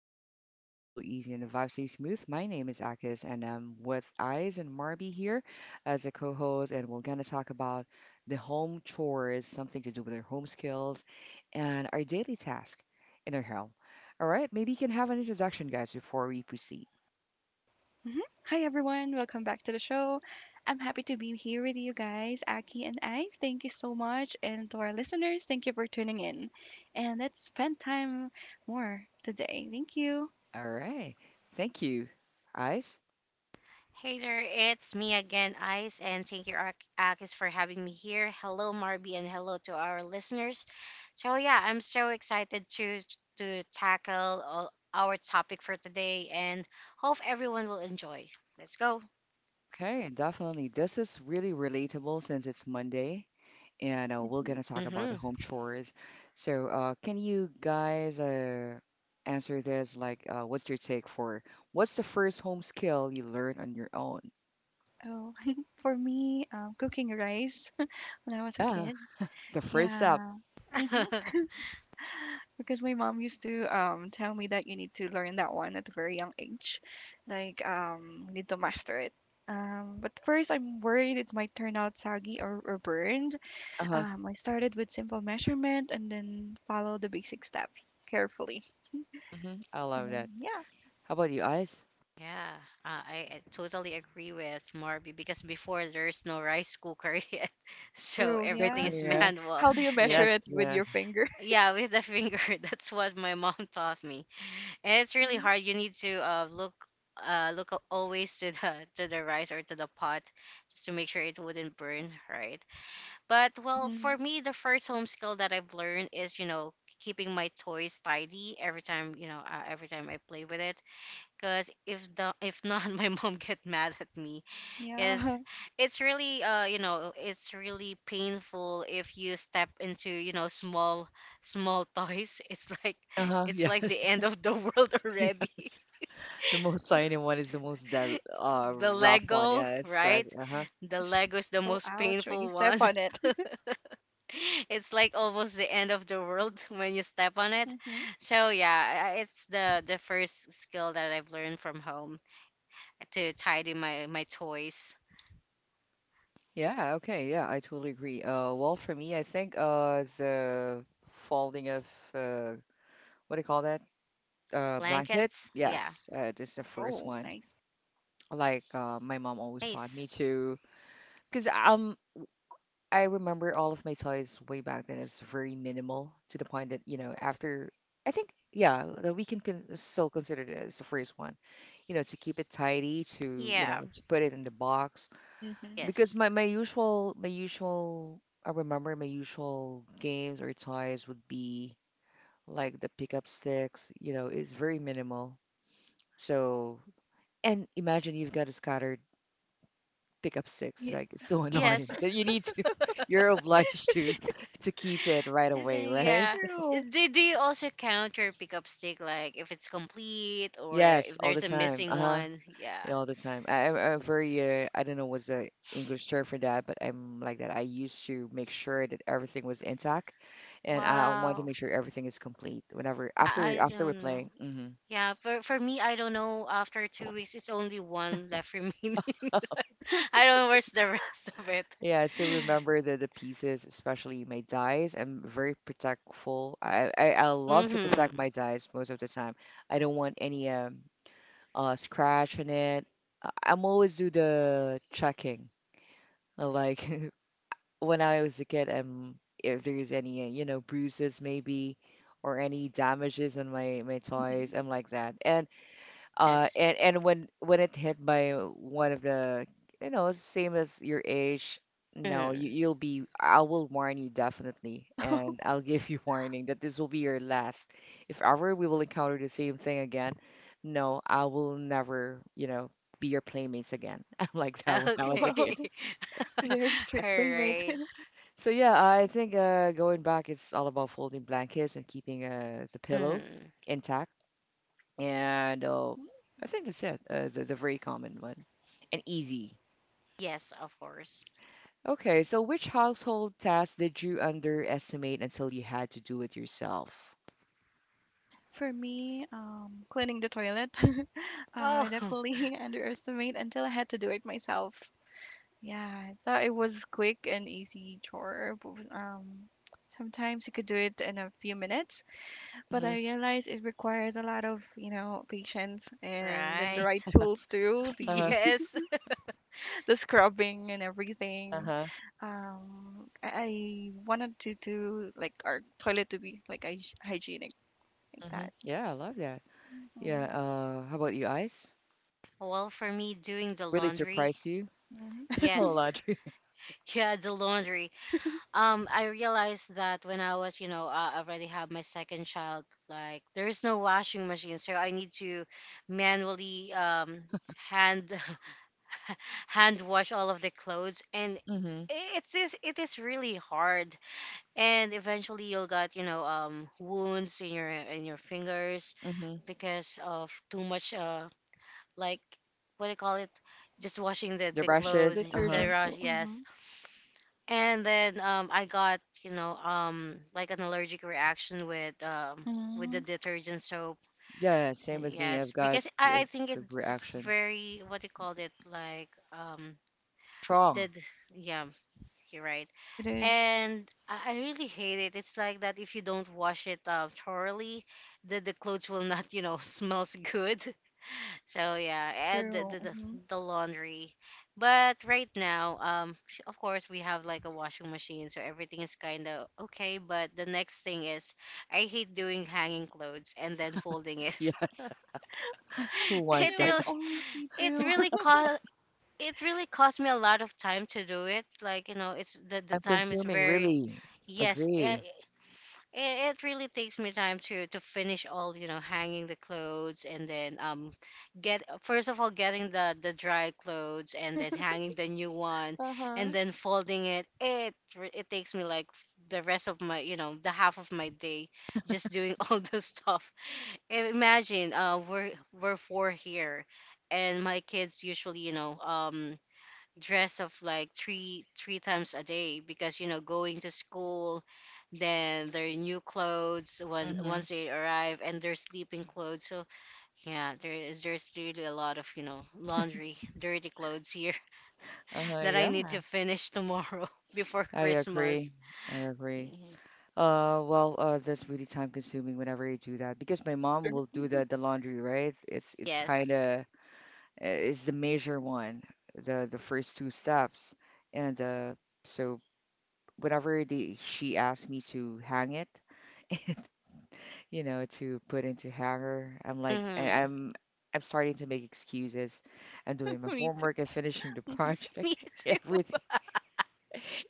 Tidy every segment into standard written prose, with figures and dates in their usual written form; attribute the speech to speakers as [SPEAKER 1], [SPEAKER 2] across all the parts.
[SPEAKER 1] zone where conversation flow easy and the vibe stay smooth. My name is Akis and I'm with Eyes and Marby here as a co-host, and we're gonna talk about the home chores, something to do with our home skills and our daily task in our home. All right, maybe you can have an introduction, guys, before we proceed.
[SPEAKER 2] Mhm. Hi everyone, welcome back to the show. I'm happy to be here with you guys, Aki and I. Thank you so much, and to our listeners, thank you for tuning in. And let's spend time more today. Thank you.
[SPEAKER 1] All right, thank you, Eyes.
[SPEAKER 3] Hey there, it's me again, Ice, and thank you, Akis, for having me here. Hello, Marby, and hello to our listeners. So yeah, I'm so excited to tackle all our topic for today, and hope everyone will enjoy. Let's go.
[SPEAKER 1] Okay, definitely. This is really relatable since it's Monday, and we're
[SPEAKER 2] hmm
[SPEAKER 1] gonna talk about the
[SPEAKER 3] Mm-hmm.
[SPEAKER 1] home chores. So, can you guys answer this? What's your take for what's the first home skill you learned on your own?
[SPEAKER 2] Oh, for me, cooking rice when I was a
[SPEAKER 1] Yeah,
[SPEAKER 2] kid.
[SPEAKER 1] the first step.
[SPEAKER 2] Yeah, hmm because my mom used to tell me that you need to learn that one at a very young age, like you need to master it. But first, I'm worried it might turn out soggy or burned.
[SPEAKER 1] Uh-huh.
[SPEAKER 2] I started with simple measurement and then follow the basic steps carefully.
[SPEAKER 1] Hmm, I
[SPEAKER 2] And
[SPEAKER 1] love
[SPEAKER 2] then,
[SPEAKER 1] that.
[SPEAKER 2] yeah.
[SPEAKER 1] How about you, Ice?
[SPEAKER 3] yeah, I totally agree with Marby because before there's no rice cooker yet, so
[SPEAKER 2] True,
[SPEAKER 1] So
[SPEAKER 3] everything
[SPEAKER 2] yeah.
[SPEAKER 3] is
[SPEAKER 1] Korea?
[SPEAKER 3] manual.
[SPEAKER 2] How do you
[SPEAKER 3] So
[SPEAKER 2] measure it
[SPEAKER 1] Yes.
[SPEAKER 2] with
[SPEAKER 1] Yeah.
[SPEAKER 2] your finger?
[SPEAKER 3] yeah, with the finger. That's what my mom taught me. And it's really
[SPEAKER 2] Mm-hmm.
[SPEAKER 3] hard. You need to look always to the to the rice or to the pot just to make sure it wouldn't burn, right? But well,
[SPEAKER 2] Mm-hmm.
[SPEAKER 3] for me, the first home skill that I've learned is keeping my toys tidy every time every time I play with it. Cause if not, my mom get mad at me because
[SPEAKER 2] Yeah.
[SPEAKER 3] it's really it's really painful if you step into small toys,
[SPEAKER 1] Uh-huh.
[SPEAKER 3] it's like the
[SPEAKER 1] Yes.
[SPEAKER 3] end of the world already.
[SPEAKER 1] Yes. The most shiny one is the most del
[SPEAKER 3] The
[SPEAKER 1] rough one.
[SPEAKER 3] lego,
[SPEAKER 1] Yeah, it's right.
[SPEAKER 3] right?
[SPEAKER 1] Uh-huh.
[SPEAKER 3] The
[SPEAKER 2] Yes.
[SPEAKER 3] lego is the
[SPEAKER 2] Go
[SPEAKER 3] most
[SPEAKER 2] ouch when you
[SPEAKER 3] painful
[SPEAKER 2] step
[SPEAKER 3] one.
[SPEAKER 2] on it.
[SPEAKER 3] It's like almost the end of the world when you step on it.
[SPEAKER 2] Mm-hmm.
[SPEAKER 3] So yeah, it's the first skill that I've learned from home, to tidy my toys.
[SPEAKER 1] Yeah, okay, yeah, I totally agree. Well, for me, I think the folding of uh, what do you call that? Blanket.
[SPEAKER 3] Blankets, yeah.
[SPEAKER 1] Yes, this is the first
[SPEAKER 2] Oh,
[SPEAKER 1] one.
[SPEAKER 2] nice.
[SPEAKER 1] Like, my mom always taught
[SPEAKER 3] Nice.
[SPEAKER 1] me to, because I remember all of my toys way back then is very minimal to the point that after I think yeah that we can con still consider it as the first one. You know, to keep it tidy, to
[SPEAKER 3] Yeah.
[SPEAKER 1] put it in the box.
[SPEAKER 2] Mm-hmm.
[SPEAKER 3] Yes.
[SPEAKER 1] Because my usual, I remember my usual games or toys would be like the pickup sticks, you know, it's very minimal. So and imagine you've got a scattered pickup sticks,
[SPEAKER 2] Yeah.
[SPEAKER 1] like it's so annoying
[SPEAKER 3] Yes.
[SPEAKER 1] that you need to you're obliged to keep it right
[SPEAKER 3] And
[SPEAKER 1] away,
[SPEAKER 3] then,
[SPEAKER 1] right?
[SPEAKER 3] yeah.
[SPEAKER 2] True.
[SPEAKER 3] Do, do you also count your pickup stick, like if it's complete or
[SPEAKER 1] Yes,
[SPEAKER 3] if
[SPEAKER 1] all the
[SPEAKER 3] there's a
[SPEAKER 1] time.
[SPEAKER 3] missing
[SPEAKER 1] Uh-huh.
[SPEAKER 3] one? Yeah.
[SPEAKER 1] Yeah, all the time. I'm a very, I don't know what's the English term for that, but I'm like that. I used to make sure that everything was intact, and I want to
[SPEAKER 3] Wow.
[SPEAKER 1] make sure everything is complete whenever after
[SPEAKER 2] Mm-hmm.
[SPEAKER 3] I
[SPEAKER 1] after we
[SPEAKER 3] don't know.
[SPEAKER 1] play. Hmm.
[SPEAKER 3] Yeah, for me, I don't know. After 2 weeks, it's only one left remaining. I don't know where's the rest of it.
[SPEAKER 1] Yeah, I still remember the pieces, especially my dies. I'm very protectful. I love to protect
[SPEAKER 3] Mm-hmm.
[SPEAKER 1] my dies most of the time. I don't want any scratch in it. I'm always do the checking, like when I was a kid, if there's any, you know, bruises maybe or any damages on my toys,
[SPEAKER 2] Mm-hmm.
[SPEAKER 1] I'm like that. And uh,
[SPEAKER 3] Yes.
[SPEAKER 1] and and when it hit by one of the, you know, same as your age, no, you
[SPEAKER 3] Mm.
[SPEAKER 1] you'll be. I will warn you definitely, and I'll give you warning that this will be your last. If ever we will encounter the same thing again, no, I will never, you know, be your playmates again. I'm like that when I was a
[SPEAKER 2] Wow.
[SPEAKER 3] Okay.
[SPEAKER 1] kid.
[SPEAKER 3] All
[SPEAKER 2] Very strict playmate.
[SPEAKER 3] right.
[SPEAKER 1] So yeah, I think going back, it's all about folding blankets and keeping the pillow
[SPEAKER 3] Mm.
[SPEAKER 1] intact. And
[SPEAKER 2] Mm-hmm.
[SPEAKER 1] I think that's it. The, very common one and easy.
[SPEAKER 3] Yes, of course.
[SPEAKER 1] Okay, so which household task did you underestimate until you had to do it yourself?
[SPEAKER 2] For me, cleaning the toilet, I
[SPEAKER 3] Oh.
[SPEAKER 2] definitely underestimate until I had to do it myself. Yeah, I thought it was quick and easy chore, but sometimes you could do it in a few minutes, but
[SPEAKER 1] Hmm.
[SPEAKER 2] I realized it requires a lot of, you know, patience and then the right
[SPEAKER 3] Right.
[SPEAKER 2] tools too,
[SPEAKER 1] Uh-huh.
[SPEAKER 2] the
[SPEAKER 3] Yes.
[SPEAKER 2] the scrubbing and everything.
[SPEAKER 1] Uh-huh.
[SPEAKER 2] I wanted to do like our toilet to be like hy hygienic like
[SPEAKER 1] Hmm.
[SPEAKER 2] that.
[SPEAKER 1] Yeah, I love that. Yeah.
[SPEAKER 2] Mhm,
[SPEAKER 1] How about you, Ice?
[SPEAKER 3] Well, for me, doing the
[SPEAKER 1] Really
[SPEAKER 3] laundry.
[SPEAKER 1] surprised you?
[SPEAKER 2] mhm.
[SPEAKER 1] Oh,
[SPEAKER 3] Yes.
[SPEAKER 1] laundry.
[SPEAKER 3] Yeah, the laundry. I realized that when I was, already have my second child, like there is no washing machine, so I need to manually hand hand wash all of the clothes, and
[SPEAKER 1] Mm-hmm.
[SPEAKER 3] it is really hard. And eventually, you'll got wounds in your fingers
[SPEAKER 1] Mm-hmm.
[SPEAKER 3] because of too much like, what do you call it, just washing
[SPEAKER 1] The
[SPEAKER 3] the clothes.
[SPEAKER 1] brushes. Uh-huh.
[SPEAKER 3] The
[SPEAKER 2] Detergent, so
[SPEAKER 3] rush, yes.
[SPEAKER 2] mhm,
[SPEAKER 3] And then I got, like, an allergic reaction with the
[SPEAKER 2] mhm.
[SPEAKER 3] detergent soap.
[SPEAKER 1] Yeah, same with me. I've
[SPEAKER 3] Yes,
[SPEAKER 1] got
[SPEAKER 3] because
[SPEAKER 1] uh,
[SPEAKER 3] I think it's
[SPEAKER 1] reaction.
[SPEAKER 3] very, what do you call it, like
[SPEAKER 1] Strong.
[SPEAKER 3] did yeah, you're right.
[SPEAKER 2] It is
[SPEAKER 3] And I really hate it. It's like that if you don't wash it thoroughly, the clothes will not, smells good. So yeah, and
[SPEAKER 2] true.
[SPEAKER 3] the laundry. But right now, of course we have like a washing machine, so everything is kind of okay. But the next thing is, I hate doing hanging clothes and then folding it.
[SPEAKER 1] Yes. Who
[SPEAKER 2] You
[SPEAKER 1] wants
[SPEAKER 3] it
[SPEAKER 2] know,
[SPEAKER 1] that?
[SPEAKER 2] it's
[SPEAKER 3] really,
[SPEAKER 2] always me
[SPEAKER 3] it
[SPEAKER 2] too.
[SPEAKER 3] really cost, it really cost me a lot of time to do it. Like, you know, it's the
[SPEAKER 1] Time
[SPEAKER 3] time is
[SPEAKER 1] consuming,
[SPEAKER 3] very,
[SPEAKER 1] really.
[SPEAKER 3] yes, eh,
[SPEAKER 1] Agree.
[SPEAKER 3] it really takes me time to finish all, you know, hanging the clothes and then get, first of all, getting the dry clothes and then hanging the new one and
[SPEAKER 2] Uh-huh.
[SPEAKER 3] then folding it. It takes me like the rest of my, you know, the half of my day, just doing all this stuff. Imagine we're four here and my kids usually, dress of like three times a day, because you know, going to school, then their new clothes when
[SPEAKER 1] Mm-hmm.
[SPEAKER 3] once they arrive, and their sleeping clothes. So yeah, there is there's really a lot of, you know, laundry, dirty clothes here, that I
[SPEAKER 1] Yeah,
[SPEAKER 3] need to finish tomorrow before
[SPEAKER 1] I
[SPEAKER 3] Christmas.
[SPEAKER 1] agree. I agree.
[SPEAKER 3] Mhm.
[SPEAKER 1] Well, that's really time consuming whenever you do that because my mom
[SPEAKER 2] True.
[SPEAKER 1] will do the laundry, right? It's
[SPEAKER 3] Yes.
[SPEAKER 1] kind of it's the major one, the first two steps, and so whenever the she asks me to hang it, you know, to put into hanger. I'm like, I-
[SPEAKER 3] Hmm.
[SPEAKER 1] I'm, I'm starting to make excuses. I'm doing my
[SPEAKER 2] Me too. To.
[SPEAKER 1] homework. I'm finishing the
[SPEAKER 3] Me
[SPEAKER 1] project.
[SPEAKER 3] too.
[SPEAKER 1] Everything,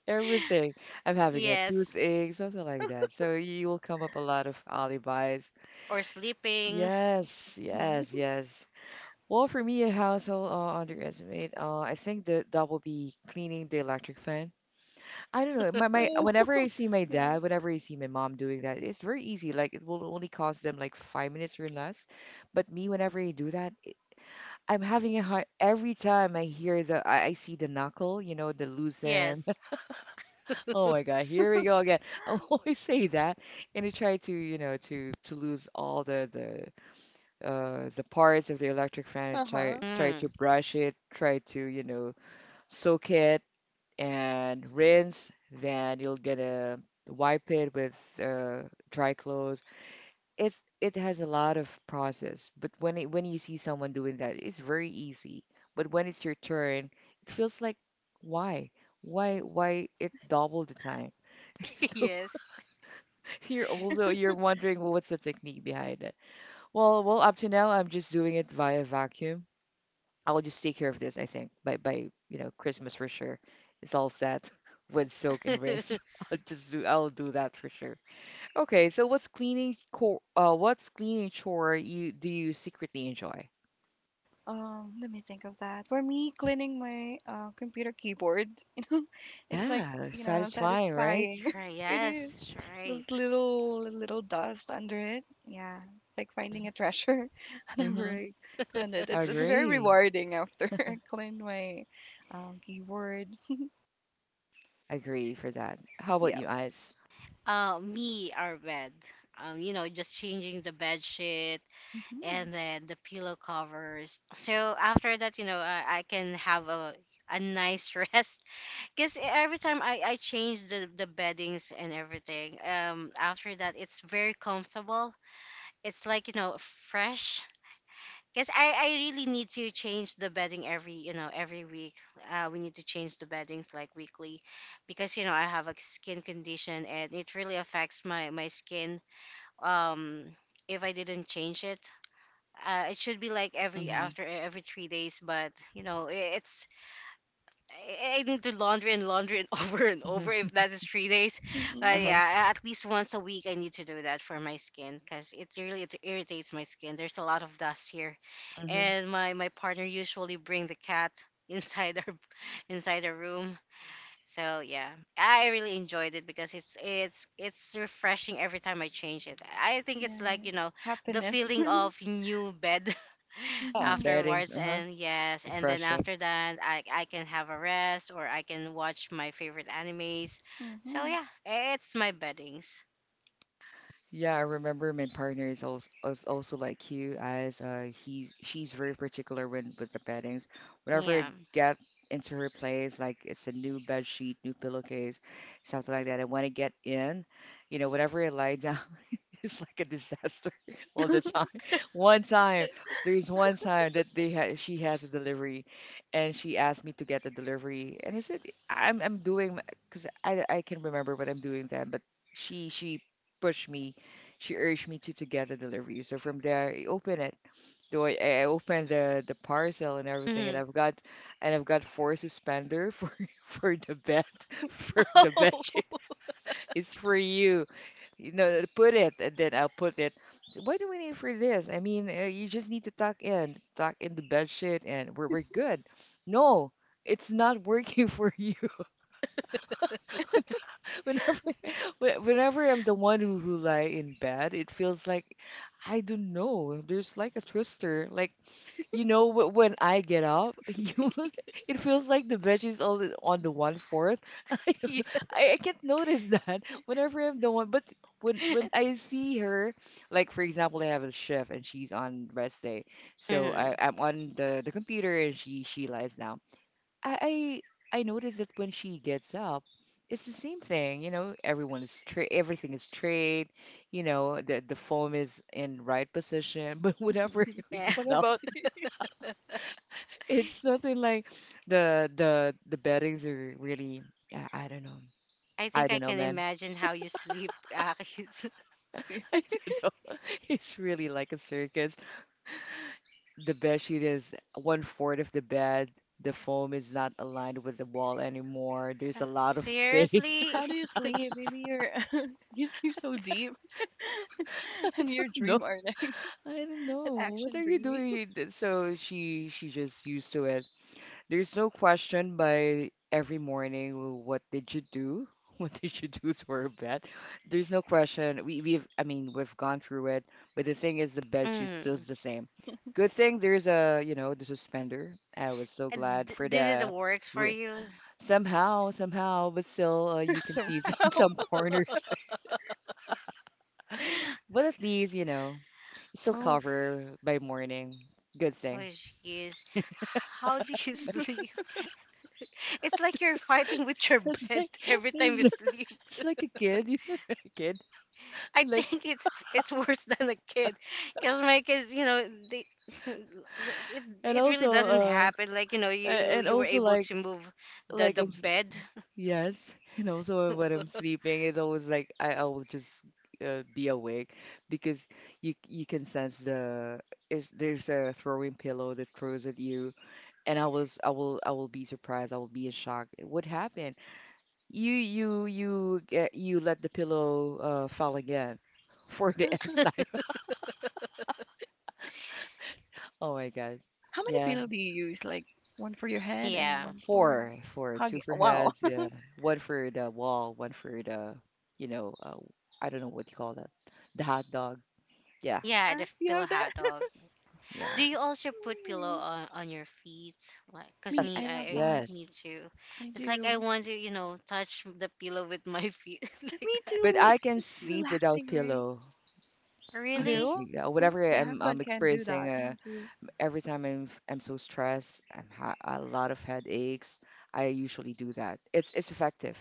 [SPEAKER 1] everything. I'm having a
[SPEAKER 3] Yes,
[SPEAKER 1] toothache, something like that. So you will come up a lot of alibis.
[SPEAKER 3] or sleeping.
[SPEAKER 1] Yes, yes,
[SPEAKER 2] Mm-hmm.
[SPEAKER 1] yes. Well, for me, a household underestimate. I think that will be cleaning the electric fan. I don't know. My
[SPEAKER 2] Oh,
[SPEAKER 1] whenever I see my
[SPEAKER 2] yeah.
[SPEAKER 1] dad, whenever I see my mom doing that, it's very easy. Like it will only cost them like 5 minutes or less. But me, whenever I do that, I'm having a hard every time I see the knuckle, you know, the
[SPEAKER 3] Yes.
[SPEAKER 1] loosen. Oh my God, here we go again. I always say that, and I try to lose all the parts of the electric fan and try
[SPEAKER 2] Uh-huh.
[SPEAKER 1] try to
[SPEAKER 3] Hmm.
[SPEAKER 1] brush it, try to soak it and rinse. Then you will gonna wipe it with uh, dry clothes. It has a lot of process, but when you see someone doing that, it's very easy. But when it's your turn, it feels like why why it double the time.
[SPEAKER 3] Yes.
[SPEAKER 1] So you're wondering well, what's the technique behind it. Well, up to now I'm just doing it via vacuum. I will just take care of this, I think, by Christmas for sure. It's all set with soak and rinse. I'll do that for sure. Okay, so what's cleaning core? What's cleaning chore you secretly enjoy?
[SPEAKER 2] Let me think of that. For me, cleaning my computer keyboard, you know, it's like,
[SPEAKER 1] Yeah,
[SPEAKER 2] you know,
[SPEAKER 1] satisfying, right?
[SPEAKER 2] satisfying.
[SPEAKER 3] Right,
[SPEAKER 2] It is.
[SPEAKER 3] yes,
[SPEAKER 2] Those
[SPEAKER 3] right.
[SPEAKER 2] little dust under it. Yeah. It's like finding a treasure
[SPEAKER 1] Mm-hmm.
[SPEAKER 2] whenever I clean it.
[SPEAKER 1] I
[SPEAKER 2] It's very
[SPEAKER 1] agree.
[SPEAKER 2] rewarding after I clean my keyboard.
[SPEAKER 1] I agree for that. How about
[SPEAKER 2] Yeah.
[SPEAKER 1] you, Eyes?
[SPEAKER 3] Me, our bed. You know, just changing the bed sheet
[SPEAKER 2] Mm-hmm.
[SPEAKER 3] and then the pillow covers. So after that, you know, I can have a nice rest, because every time I change the beddings and everything, after that it's very comfortable. It's like, you know, fresh, because I really need to change the bedding every, you know, every week. We need to change the beddings like weekly, because you know I have a skin condition and it really affects my my skin, um if I didn't change it. It should be like every
[SPEAKER 1] Mm-hmm.
[SPEAKER 3] after every 3 days, but it's I need to laundry and laundry and over and over
[SPEAKER 1] Mm-hmm.
[SPEAKER 3] if that is 3 days. But
[SPEAKER 2] Mm-hmm.
[SPEAKER 1] Uh-huh.
[SPEAKER 3] yeah, at least once a week I need to do that for my skin, because it really, it irritates my skin. There's a lot of dust here,
[SPEAKER 1] Mm-hmm.
[SPEAKER 3] and my partner usually bring the cat inside our inside our room. So yeah, I really enjoyed it because it's refreshing every time I change it. I think it's like,
[SPEAKER 2] Yeah.
[SPEAKER 3] you know, the
[SPEAKER 2] Happiness.
[SPEAKER 3] feeling of new bed
[SPEAKER 1] Yeah,
[SPEAKER 2] Mm-hmm.
[SPEAKER 1] beddings.
[SPEAKER 3] afterwards,
[SPEAKER 1] Uh-huh.
[SPEAKER 3] and yes, and then
[SPEAKER 1] Refreshing.
[SPEAKER 3] after that I can have a rest or I can watch my favorite animes. So
[SPEAKER 2] Mm-hmm.
[SPEAKER 3] yeah, it's my beddings.
[SPEAKER 1] Yeah, I remember my partner is also, like you, as he's she's very particular when with the beddings. Whenever I
[SPEAKER 3] Yeah.
[SPEAKER 1] get into her place, like it's a new bed sheet, new pillowcase, something like that. And when I want to get in, you know, whenever I lie down, it's like a disaster all the time. One time, there's one time that they ha she has a delivery, and she asked me to get the delivery, and I said I'm doing because I can remember what I'm doing then, but she pushed me she urged me to get a delivery. So from there, I open it. So I opened the parcel and everything, and
[SPEAKER 3] Hmm.
[SPEAKER 1] I've got and I've got four suspender for for the bed for the bed
[SPEAKER 3] Oh,
[SPEAKER 1] sheet. It's for you. You know, put it, and then I'll put it. Why do we need for this? I mean, you just need to tuck in, tuck in the bed sheet, and we're good. No, it's not working for you. Whenever, whenever I'm the one who lie in bed, it feels like I don't know. There's like a twister. Like when I get up, you, it feels like the bed is all on the one fourth. I,
[SPEAKER 3] yeah.
[SPEAKER 1] I can't notice that whenever I'm the one. But when I see her, like for example, I have a shift and she's on rest day, so I,
[SPEAKER 3] Hmm.
[SPEAKER 1] I'm on the computer and she lies down. I I noticed that when she gets up, it's the same thing. You know, everyone is straight, everything is straight. You know, the foam is in right position. But whenever we
[SPEAKER 3] Yeah.
[SPEAKER 2] What
[SPEAKER 1] get up,
[SPEAKER 2] about you?
[SPEAKER 1] it's something like the beddings are really. I don't know.
[SPEAKER 3] I
[SPEAKER 1] I
[SPEAKER 3] think I
[SPEAKER 1] don't know,
[SPEAKER 3] can
[SPEAKER 1] man.
[SPEAKER 3] imagine how you sleep, Akis.
[SPEAKER 2] Me too.
[SPEAKER 1] I don't know. It's really like a circus. The bed sheet is one fourth of the bed. The foam is not aligned with the wall anymore. There's a lot of space.
[SPEAKER 3] Seriously?
[SPEAKER 2] How do you sleep? Maybe you're you sleep so deep,
[SPEAKER 1] I
[SPEAKER 2] and your
[SPEAKER 1] don't know.
[SPEAKER 2] dream arting
[SPEAKER 1] I don't
[SPEAKER 2] like an
[SPEAKER 1] know. What
[SPEAKER 2] action
[SPEAKER 1] are you
[SPEAKER 2] dreaming
[SPEAKER 1] doing? So she just used to it. There's no question by every morning, "Well, what did you do? What did you do to our bed? There's no question. We've, I mean, we've gone through it, but the thing is the bed she's still
[SPEAKER 3] Hmm.
[SPEAKER 1] the same. Good thing there's a you know the suspender. I was so
[SPEAKER 3] And
[SPEAKER 1] glad for
[SPEAKER 3] did it
[SPEAKER 1] the
[SPEAKER 3] works for
[SPEAKER 1] w-
[SPEAKER 3] you?
[SPEAKER 1] somehow somehow, but still you can see some,
[SPEAKER 2] somehow.
[SPEAKER 1] some corners. But at least, still
[SPEAKER 3] Oh,
[SPEAKER 1] cover by morning. Good
[SPEAKER 3] oh,
[SPEAKER 1] thing.
[SPEAKER 3] jeez. How do you sleep? It's like you're fighting with your
[SPEAKER 1] It's
[SPEAKER 3] bed
[SPEAKER 1] like
[SPEAKER 3] every time you
[SPEAKER 1] it's, like-
[SPEAKER 3] sleep.
[SPEAKER 1] it's like a kid, you know, a kid.
[SPEAKER 3] I
[SPEAKER 1] Like
[SPEAKER 3] think it's worse than a kid, because my kids, you know, they it
[SPEAKER 1] and
[SPEAKER 3] it really
[SPEAKER 1] also
[SPEAKER 3] doesn't happen. Like, you know,
[SPEAKER 1] a-
[SPEAKER 3] you
[SPEAKER 1] and
[SPEAKER 3] you were
[SPEAKER 1] also
[SPEAKER 3] able
[SPEAKER 1] like
[SPEAKER 3] to move
[SPEAKER 1] like
[SPEAKER 3] the
[SPEAKER 1] I'm s-
[SPEAKER 3] bed.
[SPEAKER 1] yes, and also when I'm sleeping, it's always like I will just be awake because you can sense there's a throwing pillow that throws at you, and I will be surprised, I will be in shock. What happened? You let the pillow fall again for the nth time. Oh my God.
[SPEAKER 2] How many
[SPEAKER 1] Yeah.
[SPEAKER 2] pillow do you use? Like one for your head and
[SPEAKER 3] Yeah,
[SPEAKER 2] one for
[SPEAKER 1] Four, four, two
[SPEAKER 2] hugging.
[SPEAKER 1] for
[SPEAKER 2] Wow.
[SPEAKER 1] heads, yeah. One for the wall, one for the, you know, uh, I don't know what you call that. The hot dog. Yeah,
[SPEAKER 3] yeah,
[SPEAKER 2] Yeah,
[SPEAKER 3] the
[SPEAKER 2] you
[SPEAKER 3] pillow
[SPEAKER 2] have that.
[SPEAKER 3] hot dog.
[SPEAKER 1] yeah.
[SPEAKER 3] Do you also put pillow
[SPEAKER 2] Hmm.
[SPEAKER 3] on your feet? Like, cause
[SPEAKER 2] Me,
[SPEAKER 3] me,
[SPEAKER 2] I
[SPEAKER 1] Yes,
[SPEAKER 2] love
[SPEAKER 3] I
[SPEAKER 2] that.
[SPEAKER 1] yes.
[SPEAKER 3] need to.
[SPEAKER 2] I
[SPEAKER 3] It's like I
[SPEAKER 2] do.
[SPEAKER 3] want to, you know, touch the pillow with my feet like
[SPEAKER 2] Me
[SPEAKER 3] that.
[SPEAKER 1] But
[SPEAKER 2] too.
[SPEAKER 1] I
[SPEAKER 2] It's
[SPEAKER 1] can
[SPEAKER 2] it's
[SPEAKER 1] sleep without
[SPEAKER 2] relaxing, right?
[SPEAKER 1] pillow.
[SPEAKER 2] You
[SPEAKER 1] I can
[SPEAKER 3] Really?
[SPEAKER 2] do?
[SPEAKER 1] sleep. Yeah,
[SPEAKER 2] Mhm.
[SPEAKER 1] whatever
[SPEAKER 2] My
[SPEAKER 1] I'm I'm
[SPEAKER 2] husband can do
[SPEAKER 1] experiencing,
[SPEAKER 2] that. Me too.
[SPEAKER 1] every time I'm so stressed, I'm ha a lot of headaches. I usually do that. It's effective.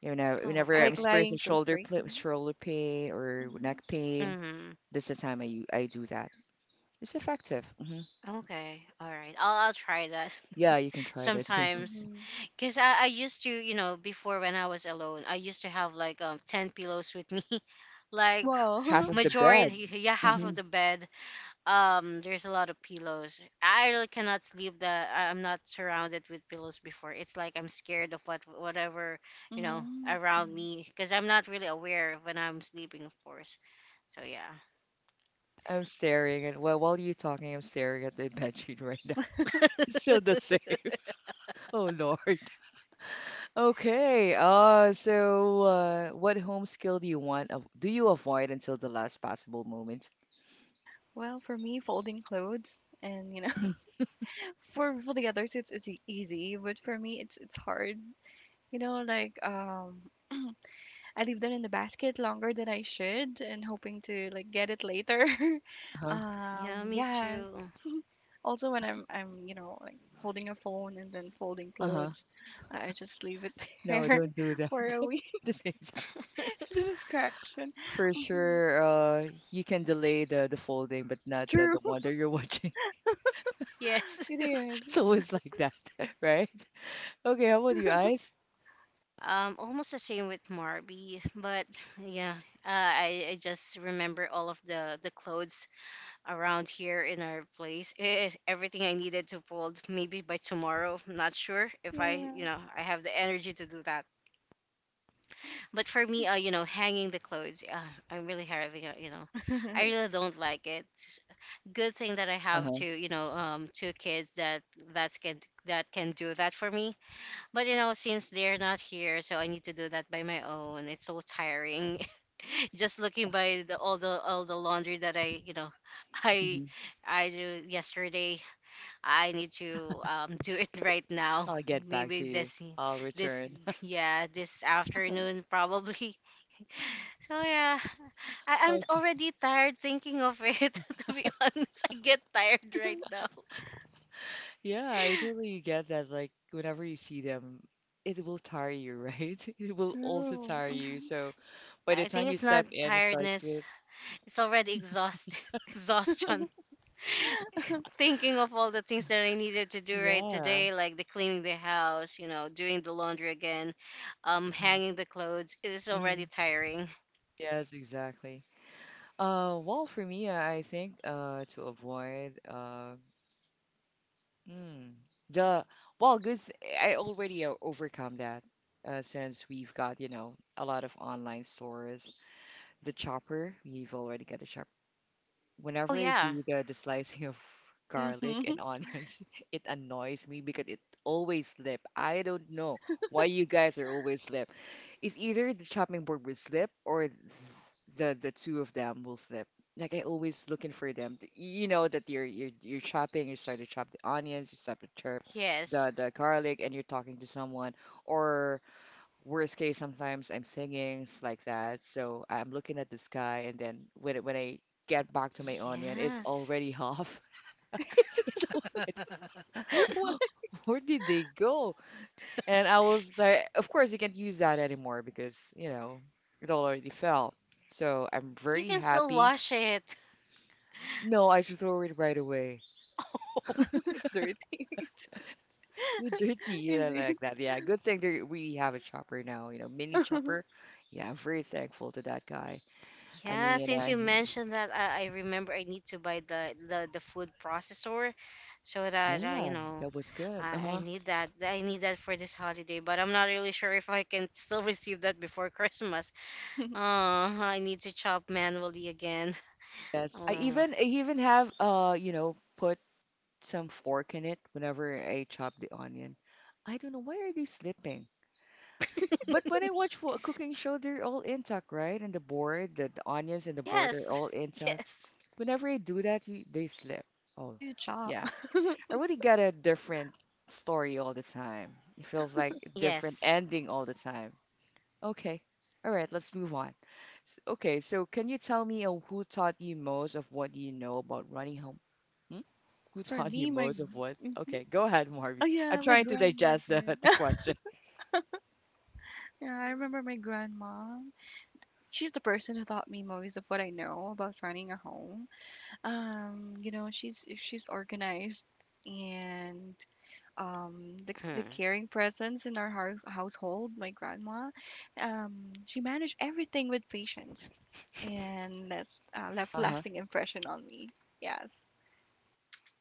[SPEAKER 1] You know,
[SPEAKER 3] Oh,
[SPEAKER 1] whenever I'm
[SPEAKER 2] Like
[SPEAKER 3] okay.
[SPEAKER 2] lying
[SPEAKER 1] experiencing
[SPEAKER 2] so straight. Hmm
[SPEAKER 1] shoulder pain or neck pain,
[SPEAKER 3] Mm-hmm.
[SPEAKER 1] this is the time I do that. It's effective. Hmm
[SPEAKER 3] Okay. All right. I'll try that
[SPEAKER 1] Yeah, you can try that too.
[SPEAKER 2] hmm
[SPEAKER 3] sometimes.
[SPEAKER 2] hmm
[SPEAKER 3] Cause I used to, you know, before when I was alone, I used to have like ten pillows with me, like
[SPEAKER 1] Half
[SPEAKER 2] Wow.
[SPEAKER 1] of the bed.
[SPEAKER 3] majority, yeah, half
[SPEAKER 1] Hmm
[SPEAKER 3] of the bed. There's a lot of pillows. I really cannot sleep that I'm not surrounded with pillows before. It's like I'm scared of what, whatever, you know,
[SPEAKER 2] Mm,
[SPEAKER 3] around
[SPEAKER 2] mm.
[SPEAKER 3] me, because I'm not really aware when I'm sleeping, of course. So yeah.
[SPEAKER 1] I'm staring at well, while you're talking, I'm staring at the bed sheet right now. Still the same. Oh Lord. Okay. So what home skill do you want? Do you avoid until the last possible moment?
[SPEAKER 2] Well, for me, folding clothes and you know, for the others, it's easy, but for me, it's hard. You know, like I leave them in the basket longer than I should, and hoping to like get it later.
[SPEAKER 1] Uh huh.
[SPEAKER 3] Yeah, me
[SPEAKER 2] Yeah.
[SPEAKER 3] too.
[SPEAKER 2] Also, when I'm you know like holding a phone and then folding
[SPEAKER 1] Uh huh.
[SPEAKER 2] clothes, I just leave it
[SPEAKER 1] No,
[SPEAKER 2] there
[SPEAKER 1] don't do that.
[SPEAKER 2] for a
[SPEAKER 1] At
[SPEAKER 2] week.
[SPEAKER 1] the same.
[SPEAKER 2] Distraction.
[SPEAKER 1] For
[SPEAKER 2] Mhm.
[SPEAKER 1] sure, you can delay the folding, but not the,
[SPEAKER 2] True,
[SPEAKER 1] the one that you're watching.
[SPEAKER 3] Yes.
[SPEAKER 2] it is.
[SPEAKER 1] It's always like that, right? Okay, how about you, Ice?
[SPEAKER 3] Almost the same with Marby, but yeah, I just remember all of the clothes around here in our place is everything I needed to fold maybe by tomorrow. I'm not sure if I, you know, I have the energy to do that. But for me, you know, hanging the clothes, I'm really having, a, you know,
[SPEAKER 2] Yeah.
[SPEAKER 3] I really don't like it. Good thing that I have
[SPEAKER 1] Uh-huh.
[SPEAKER 3] to, you know, two kids that that can that can do that for me. But you know, since they're not here, so I need to do that by my own. It's so tiring. Just looking by the all the all the laundry that I, you know, I
[SPEAKER 1] hmm
[SPEAKER 3] I do yesterday. I need to do it right now.
[SPEAKER 1] I'll get back
[SPEAKER 3] Maybe
[SPEAKER 1] to you. I'll return.
[SPEAKER 3] this, yeah, this afternoon probably. So yeah, I, I'm
[SPEAKER 1] Oh,
[SPEAKER 3] already tired thinking of it. To be honest, I get tired right now.
[SPEAKER 1] yeah, I totally get that. Like, whenever you see them, it will tire you, right? It will also
[SPEAKER 2] True.
[SPEAKER 1] tire you.
[SPEAKER 2] Mhm.
[SPEAKER 1] So by the
[SPEAKER 3] I think
[SPEAKER 1] time you
[SPEAKER 3] it's not
[SPEAKER 1] step in, it starts
[SPEAKER 3] tiredness.
[SPEAKER 1] with,
[SPEAKER 3] It's already exhaust exhaustion, thinking of all the things that I needed to do right
[SPEAKER 1] yeah.
[SPEAKER 3] today, like the cleaning the house, you know, doing the laundry again,
[SPEAKER 1] hmm
[SPEAKER 3] hanging the clothes. It is
[SPEAKER 1] hmm
[SPEAKER 3] already tiring.
[SPEAKER 1] Yes, exactly. Well, for me, I think to avoid. Mm. The well, good. I already overcome that since we've got, you know, a lot of online stores. The chopper, we've already got a chopper
[SPEAKER 3] Oh
[SPEAKER 1] whenever I
[SPEAKER 3] yeah,
[SPEAKER 1] do the slicing of garlic
[SPEAKER 2] Mhm.
[SPEAKER 1] and onions, it annoys me because it always slip. I don't know why you guys are always slip. It's either the chopping board will slip or the two of them will slip. Like I always looking for them. You know that you're chopping, you start to chop the onions, you start to chop
[SPEAKER 3] yes,
[SPEAKER 1] the garlic, and you're talking to someone, or worst case sometimes I'm like that, so I'm looking at the sky and then when, when I get back to my onion, it's
[SPEAKER 3] yes.
[SPEAKER 1] already half. It's already,
[SPEAKER 2] What?
[SPEAKER 1] where did they go? And I was start, of course you can't use that anymore because you know it already fell. So I'm
[SPEAKER 3] You
[SPEAKER 1] very
[SPEAKER 3] can still
[SPEAKER 1] happy.
[SPEAKER 3] wash it.
[SPEAKER 1] No, I should throw it right away.
[SPEAKER 2] Dirty.
[SPEAKER 1] You're dirty, you
[SPEAKER 2] Is
[SPEAKER 1] know,
[SPEAKER 2] it?
[SPEAKER 1] like that. Yeah, good thing there, we have a chopper now, you know, mini chopper. Yeah, I'm very thankful to that guy. i
[SPEAKER 3] Yeah,
[SPEAKER 1] mean
[SPEAKER 3] since
[SPEAKER 1] uh,
[SPEAKER 3] you mentioned that, I remember I need to buy the food processor, so that you
[SPEAKER 1] Yeah,
[SPEAKER 3] know,
[SPEAKER 1] that was good.
[SPEAKER 3] I
[SPEAKER 1] Uh-huh.
[SPEAKER 3] need that. I need that for this holiday, but I'm not really sure if I can still receive that before Christmas. Oh, I need to chop manually again.
[SPEAKER 1] Yes. I
[SPEAKER 3] Oh,
[SPEAKER 1] even I even have, you know, put some fork in it whenever I chop the onion. I don't know why are they slipping. But when I watch a cooking show, they're all intact, right? And the board, the onions and the board are
[SPEAKER 3] yes,
[SPEAKER 1] all intact.
[SPEAKER 3] yes,
[SPEAKER 1] Whenever I do that, you, they slip.
[SPEAKER 2] How
[SPEAKER 1] Oh,
[SPEAKER 2] do you chop?
[SPEAKER 1] yeah. I really get a different story all the time. It feels like a different
[SPEAKER 3] yes.
[SPEAKER 1] ending all the time. Okay. All right, let's move on. Okay, so can you tell me who taught you most of what you know about running home? Hmm? Who
[SPEAKER 2] For
[SPEAKER 1] taught you
[SPEAKER 2] me, my
[SPEAKER 1] most of what?
[SPEAKER 2] hmm
[SPEAKER 1] Okay, go ahead, Marvy.
[SPEAKER 2] oh
[SPEAKER 1] I'm
[SPEAKER 2] yeah, my
[SPEAKER 1] trying to digest the,
[SPEAKER 2] grandmother.
[SPEAKER 1] the question.
[SPEAKER 2] Yeah, I remember my grandma. She's the person who taught me most of what I know about running a home. You know, she's organized and the caring presence in our household, my grandma, she managed everything with patience and that's left
[SPEAKER 1] Uh-huh.
[SPEAKER 2] lasting impression on me. Yes.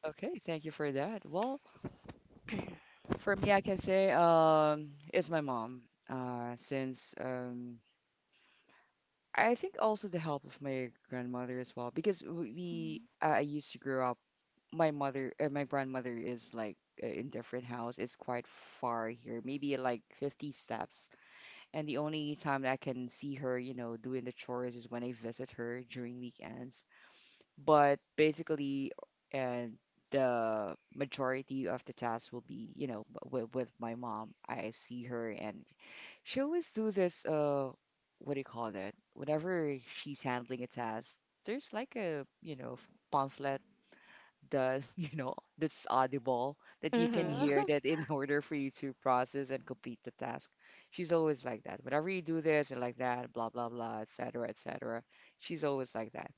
[SPEAKER 1] Okay, thank you for that. Well, for me, I can say it's my mom. Since I think also the help of my grandmother as well because we
[SPEAKER 2] hmm
[SPEAKER 1] I used to grow up. My mother, my grandmother is like in different house. It's quite far here, maybe like 50 steps. And the only time that I can see her, you know, doing the chores is when I visit her during weekends. But basically, and the majority of the tasks will be, you know, with my mom. I see her and she always do this. What do you call that? Whenever she's handling a task, there's like a, you know, pamphlet that you know that's audible that you can
[SPEAKER 3] Mm-hmm.
[SPEAKER 1] hear
[SPEAKER 2] Uh-huh.
[SPEAKER 1] that in order for you to process and complete the task. She's always like that. Whenever you do this and like that, blah blah blah, etc. etc. She's always like that.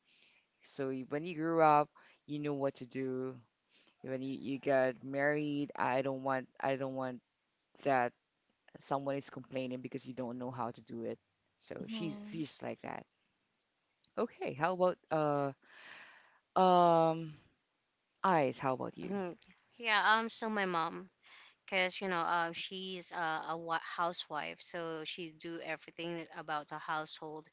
[SPEAKER 1] So when you grew up, you knew what to do. When you got married, I don't want that someone is complaining because you don't know how to do it. So she's
[SPEAKER 2] hmm
[SPEAKER 1] she's like that. Okay, how about um eyes? How about you?
[SPEAKER 3] Hmm. Yeah. So my mom, cause you know, she's a housewife, so she do everything about the household.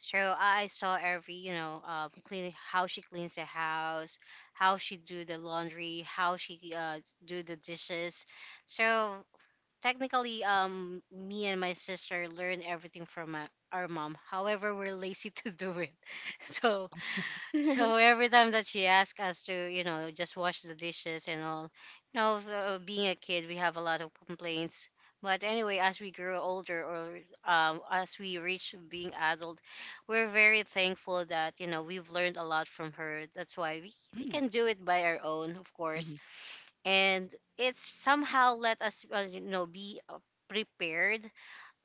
[SPEAKER 3] So I saw every, you know, clean how she cleans the house, how she do the laundry, how she do the dishes. So technically me and my sister learn everything from our mom, however we're lazy to do it. so so every time that she asks us to, you know, just wash the dishes and all, you know, being a kid, we have a lot of complaints. But anyway, as we grow older or as we reach being adult, we're very thankful that, you know, we've learned a lot from her. That's why
[SPEAKER 1] Mm,
[SPEAKER 3] we
[SPEAKER 1] hmm.
[SPEAKER 3] can do it by our own, of
[SPEAKER 1] Mm-hmm.
[SPEAKER 3] course. And it somehow let us, you know, be prepared,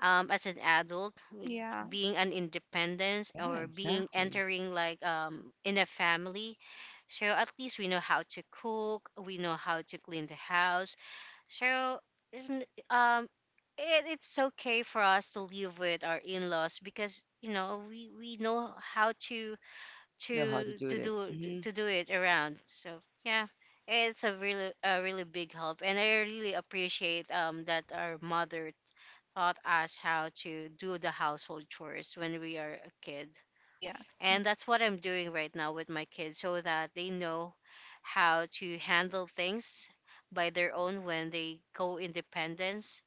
[SPEAKER 3] as an adult,
[SPEAKER 2] Yeah.
[SPEAKER 3] being an independence
[SPEAKER 1] Yeah,
[SPEAKER 3] or being
[SPEAKER 1] exactly.
[SPEAKER 3] entering like, in a family. So at least we know how to cook, we know how to clean the house. So isn't um it's okay for us to live with our in-laws because, you know, we know how
[SPEAKER 1] Know how to
[SPEAKER 3] to
[SPEAKER 1] do
[SPEAKER 3] to
[SPEAKER 1] it.
[SPEAKER 3] do
[SPEAKER 1] Hmm
[SPEAKER 3] to do it around. So yeah, it's a really big help, and I really appreciate that our mother taught us how to do the household chores when we are a kid.
[SPEAKER 2] Yes.
[SPEAKER 3] And that's what I'm doing right now with my kids, so that they know how to handle things by their own when they go independence,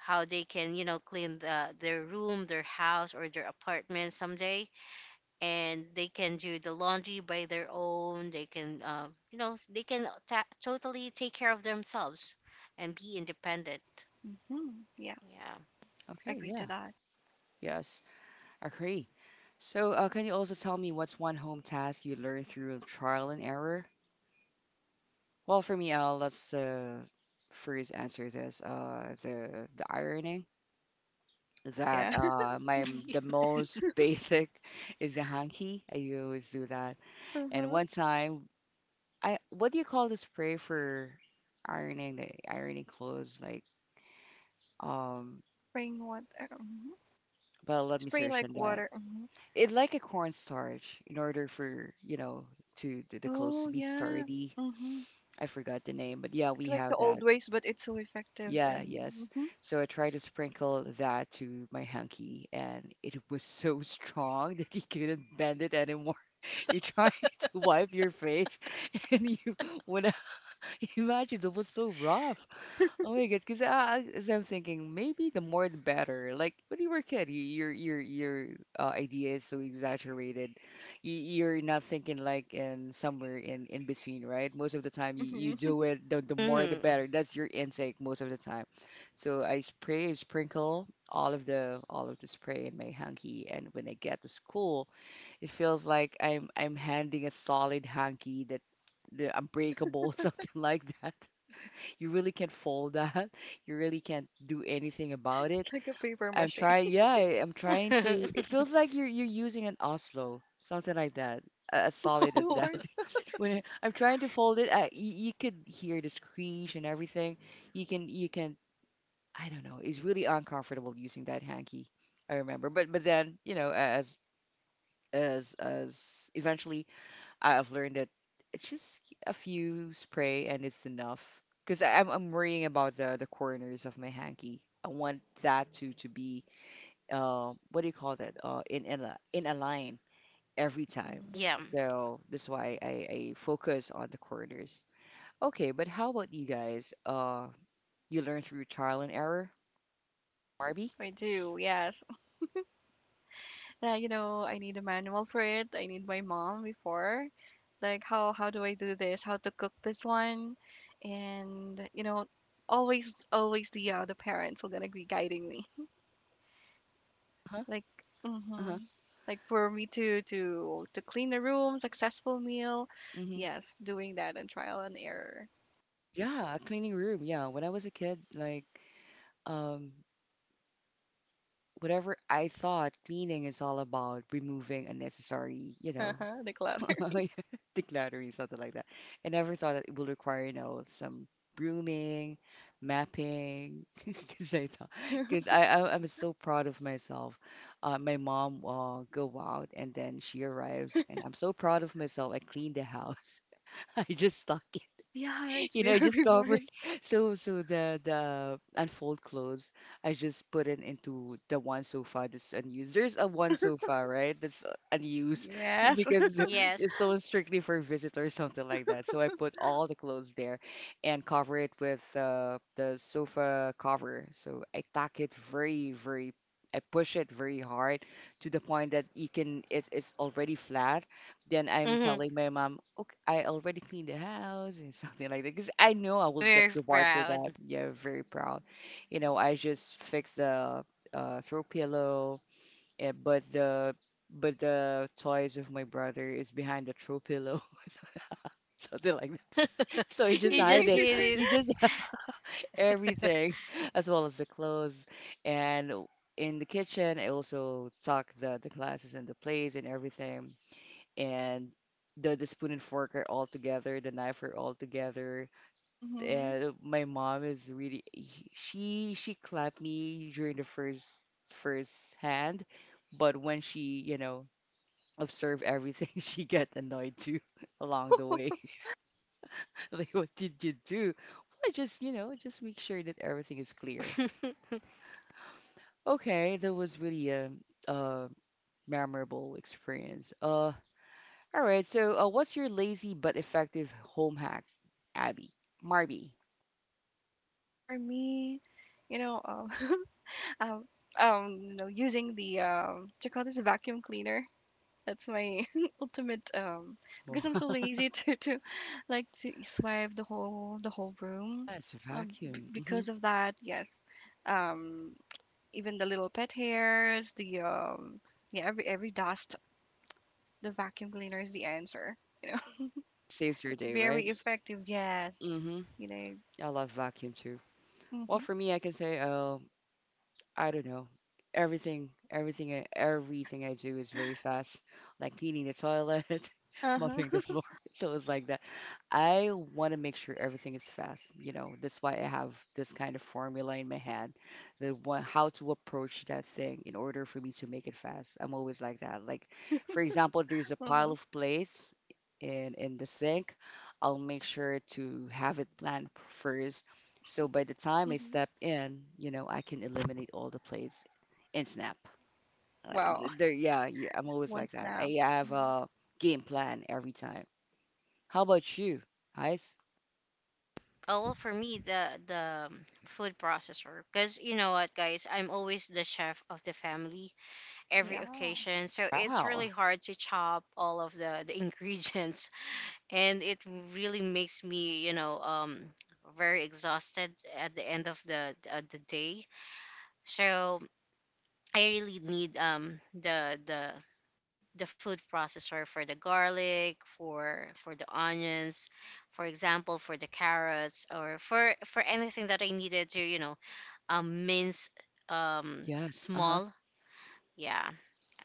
[SPEAKER 3] how they can, you know, clean their room, their house, or their apartment someday, and they can do the laundry by their own. They can, you know, they can totally take care of themselves and be independent.
[SPEAKER 2] hmm Yes.
[SPEAKER 3] Yeah.
[SPEAKER 1] Okay,
[SPEAKER 2] Agree to
[SPEAKER 1] yeah,
[SPEAKER 2] that.
[SPEAKER 1] yes, agree. So can you also tell me what's one home task you learned through trial and error? Well, for me, let's first answer this. The ironing. That
[SPEAKER 2] Yeah. hmm
[SPEAKER 1] the most basic is the hanky. I always do that. And
[SPEAKER 2] Uh-huh.
[SPEAKER 1] one time, I what do you call the spray for ironing the ironing clothes? Um,
[SPEAKER 2] Spraying water. Hmm
[SPEAKER 1] but
[SPEAKER 2] They
[SPEAKER 1] let me
[SPEAKER 2] spray
[SPEAKER 1] search on
[SPEAKER 2] like
[SPEAKER 1] that.
[SPEAKER 2] water. Hmm
[SPEAKER 1] It's like a cornstarch in order for, you know, to the clothes
[SPEAKER 2] Oh
[SPEAKER 1] to be
[SPEAKER 2] yeah.
[SPEAKER 1] sturdy.
[SPEAKER 2] hmm
[SPEAKER 1] I forgot the name, but yeah, we
[SPEAKER 2] Like the
[SPEAKER 1] have
[SPEAKER 2] old
[SPEAKER 1] that.
[SPEAKER 2] ways, but it's so effective
[SPEAKER 1] Yeah, yes.
[SPEAKER 2] and.
[SPEAKER 1] So I tried to sprinkle that to my hanky, and it was so strong that you couldn't bend it anymore. You're trying to wipe your face, and you when I imagine that was so rough. Oh my God, because I, as I'm thinking, maybe the more the better. Like when you were a kid, your idea is so exaggerated. You, you're not thinking like in somewhere in between, right? Most of the time, you
[SPEAKER 2] Hmm
[SPEAKER 1] do it. The more the
[SPEAKER 3] Mm-hmm.
[SPEAKER 1] better. That's your intake most of the time. So I spray, I sprinkle all of the spray in my hanky, and when I get to school, it feels like I'm handing a solid hanky that the unbreakable, something like that. You really can't fold that. You really can't do anything about it.
[SPEAKER 2] Like a paper
[SPEAKER 1] I'm
[SPEAKER 2] mache.
[SPEAKER 1] trying, yeah, I'm trying to. It feels like you're using an Oslo, something like that, as solid as
[SPEAKER 2] So
[SPEAKER 1] that.
[SPEAKER 2] hard.
[SPEAKER 1] When I'm trying to fold it, I, you could hear the screech and everything. You can I don't know. It's really uncomfortable using that hanky. I remember, but then you know, as eventually I've learned that it's just a few spray and it's enough. Because I'm worrying about the corners of my hanky. I want that to be what do you call that? In in a line every time.
[SPEAKER 2] Mhm.
[SPEAKER 3] Yeah.
[SPEAKER 1] So that's why I focus on the corners. Okay, but how about you guys? You learn through trial and error, Barbie?
[SPEAKER 2] I do, yes. Yeah, you know, I need a manual for it. I need my mom before. Like how do I do this? How to cook this one? And you know, always always the parents are gonna be guiding me.
[SPEAKER 1] Uh-huh.
[SPEAKER 2] Like
[SPEAKER 1] Uh-huh.
[SPEAKER 2] mm-hmm. Like for me to to clean the room, successful meal.
[SPEAKER 1] hmm
[SPEAKER 2] Yes, doing that and trial and error.
[SPEAKER 1] Yeah, a cleaning room. Yeah, when I was a kid, like um whatever I thought cleaning is all about removing unnecessary, you know,
[SPEAKER 2] Uh-huh. The clutter.
[SPEAKER 1] decluttering, something like that. I never thought that it would require, you know, some brooming, mapping, because I thought, because I, I'm so proud of myself. My mom go out and then she arrives, and I'm so proud of myself. I cleaned the house. I just stuck
[SPEAKER 2] Yeah, it's
[SPEAKER 1] you know, I
[SPEAKER 2] very
[SPEAKER 1] just covered.
[SPEAKER 2] rewarding.
[SPEAKER 1] So, so the unfold clothes, I just put it into the one so far that's unused. There's a one so far, right? That's unused
[SPEAKER 2] Yes.
[SPEAKER 1] because
[SPEAKER 3] Yes.
[SPEAKER 1] it's so strictly for visitors, something like that. So I put all the clothes there and cover it with the sofa cover. So I tack it very, very. I push it very hard to the point that you can. It, it's already flat, then I'm
[SPEAKER 3] Mm-hmm.
[SPEAKER 1] telling my mom, okay, I already cleaned the house and something like that because I know I will get
[SPEAKER 3] Very
[SPEAKER 1] reward for that.
[SPEAKER 3] proud.
[SPEAKER 1] Yeah, very proud. You know, I just fixed the throw pillow, eh, but the toys of my brother is behind the throw pillow, so- something like that. So you just
[SPEAKER 3] You
[SPEAKER 1] hide
[SPEAKER 3] just
[SPEAKER 1] it.
[SPEAKER 3] hit
[SPEAKER 1] You
[SPEAKER 3] it.
[SPEAKER 1] just hide everything, as well as the clothes and. In the kitchen, I also tuck the glasses and the plates and everything and the spoon and fork are all together, the knife are all together.
[SPEAKER 2] hmm
[SPEAKER 1] And my mom is really she clapped me during the first first hand, but when she, you know, observed everything, she got annoyed too along the way. Like, what did you do? Well, just, you know, just make sure that everything is clear. Okay, that was really a memorable experience. All right. So, what's your lazy but effective home hack, Abby? Marby.
[SPEAKER 2] For me, you know, um, you know, using the do you call this vacuum cleaner? That's my ultimate
[SPEAKER 1] Well,
[SPEAKER 2] because I'm so lazy to like to swipe the whole room.
[SPEAKER 1] yes,
[SPEAKER 2] B
[SPEAKER 1] vacuum. Hmm
[SPEAKER 2] because of that, yes. Um, Even the little pet hairs, the yeah, every dust, the vacuum cleaner is the answer. You know,
[SPEAKER 1] Saves your day, right?
[SPEAKER 2] very effective. Yes,
[SPEAKER 1] Mm hmm.
[SPEAKER 2] you know.
[SPEAKER 1] I love vacuum too. Well,
[SPEAKER 2] Hmm
[SPEAKER 1] for me, I can say, I don't know. Everything, everything, everything I do is very fast, like cleaning the toilet, mopping the
[SPEAKER 2] Uh-huh.
[SPEAKER 1] floor. So it's like that. I want to make sure everything is fast. You know, that's why I have this kind of formula in my head, the one, how to approach that thing in order for me to make it fast. I'm always like that. Like, for example, there's a pile
[SPEAKER 2] Uh-huh.
[SPEAKER 1] of plates in the sink. I'll make sure to have it planned first, so by the time I
[SPEAKER 2] hmm
[SPEAKER 1] step in, you know, I can eliminate all the plays in snap.
[SPEAKER 2] Wow.
[SPEAKER 1] There, yeah, yeah, I'm always
[SPEAKER 2] One
[SPEAKER 1] like that.
[SPEAKER 2] snap.
[SPEAKER 1] I have
[SPEAKER 2] Mhm.
[SPEAKER 1] a game plan every time. How about you, Ice?
[SPEAKER 3] Oh, well, for me, the food processor, because you know what, guys, I'm always the chef of the family every
[SPEAKER 2] Yeah.
[SPEAKER 3] occasion, so it's really
[SPEAKER 1] Wow.
[SPEAKER 3] hard to chop all of the ingredients. And it really makes me, you know, very exhausted at the end of the day. So I really need, the food processor for the garlic, for the onions, for example, for the carrots, or for anything that I needed to, you know, mince
[SPEAKER 1] Yes. Uh-huh.
[SPEAKER 3] small. Yeah.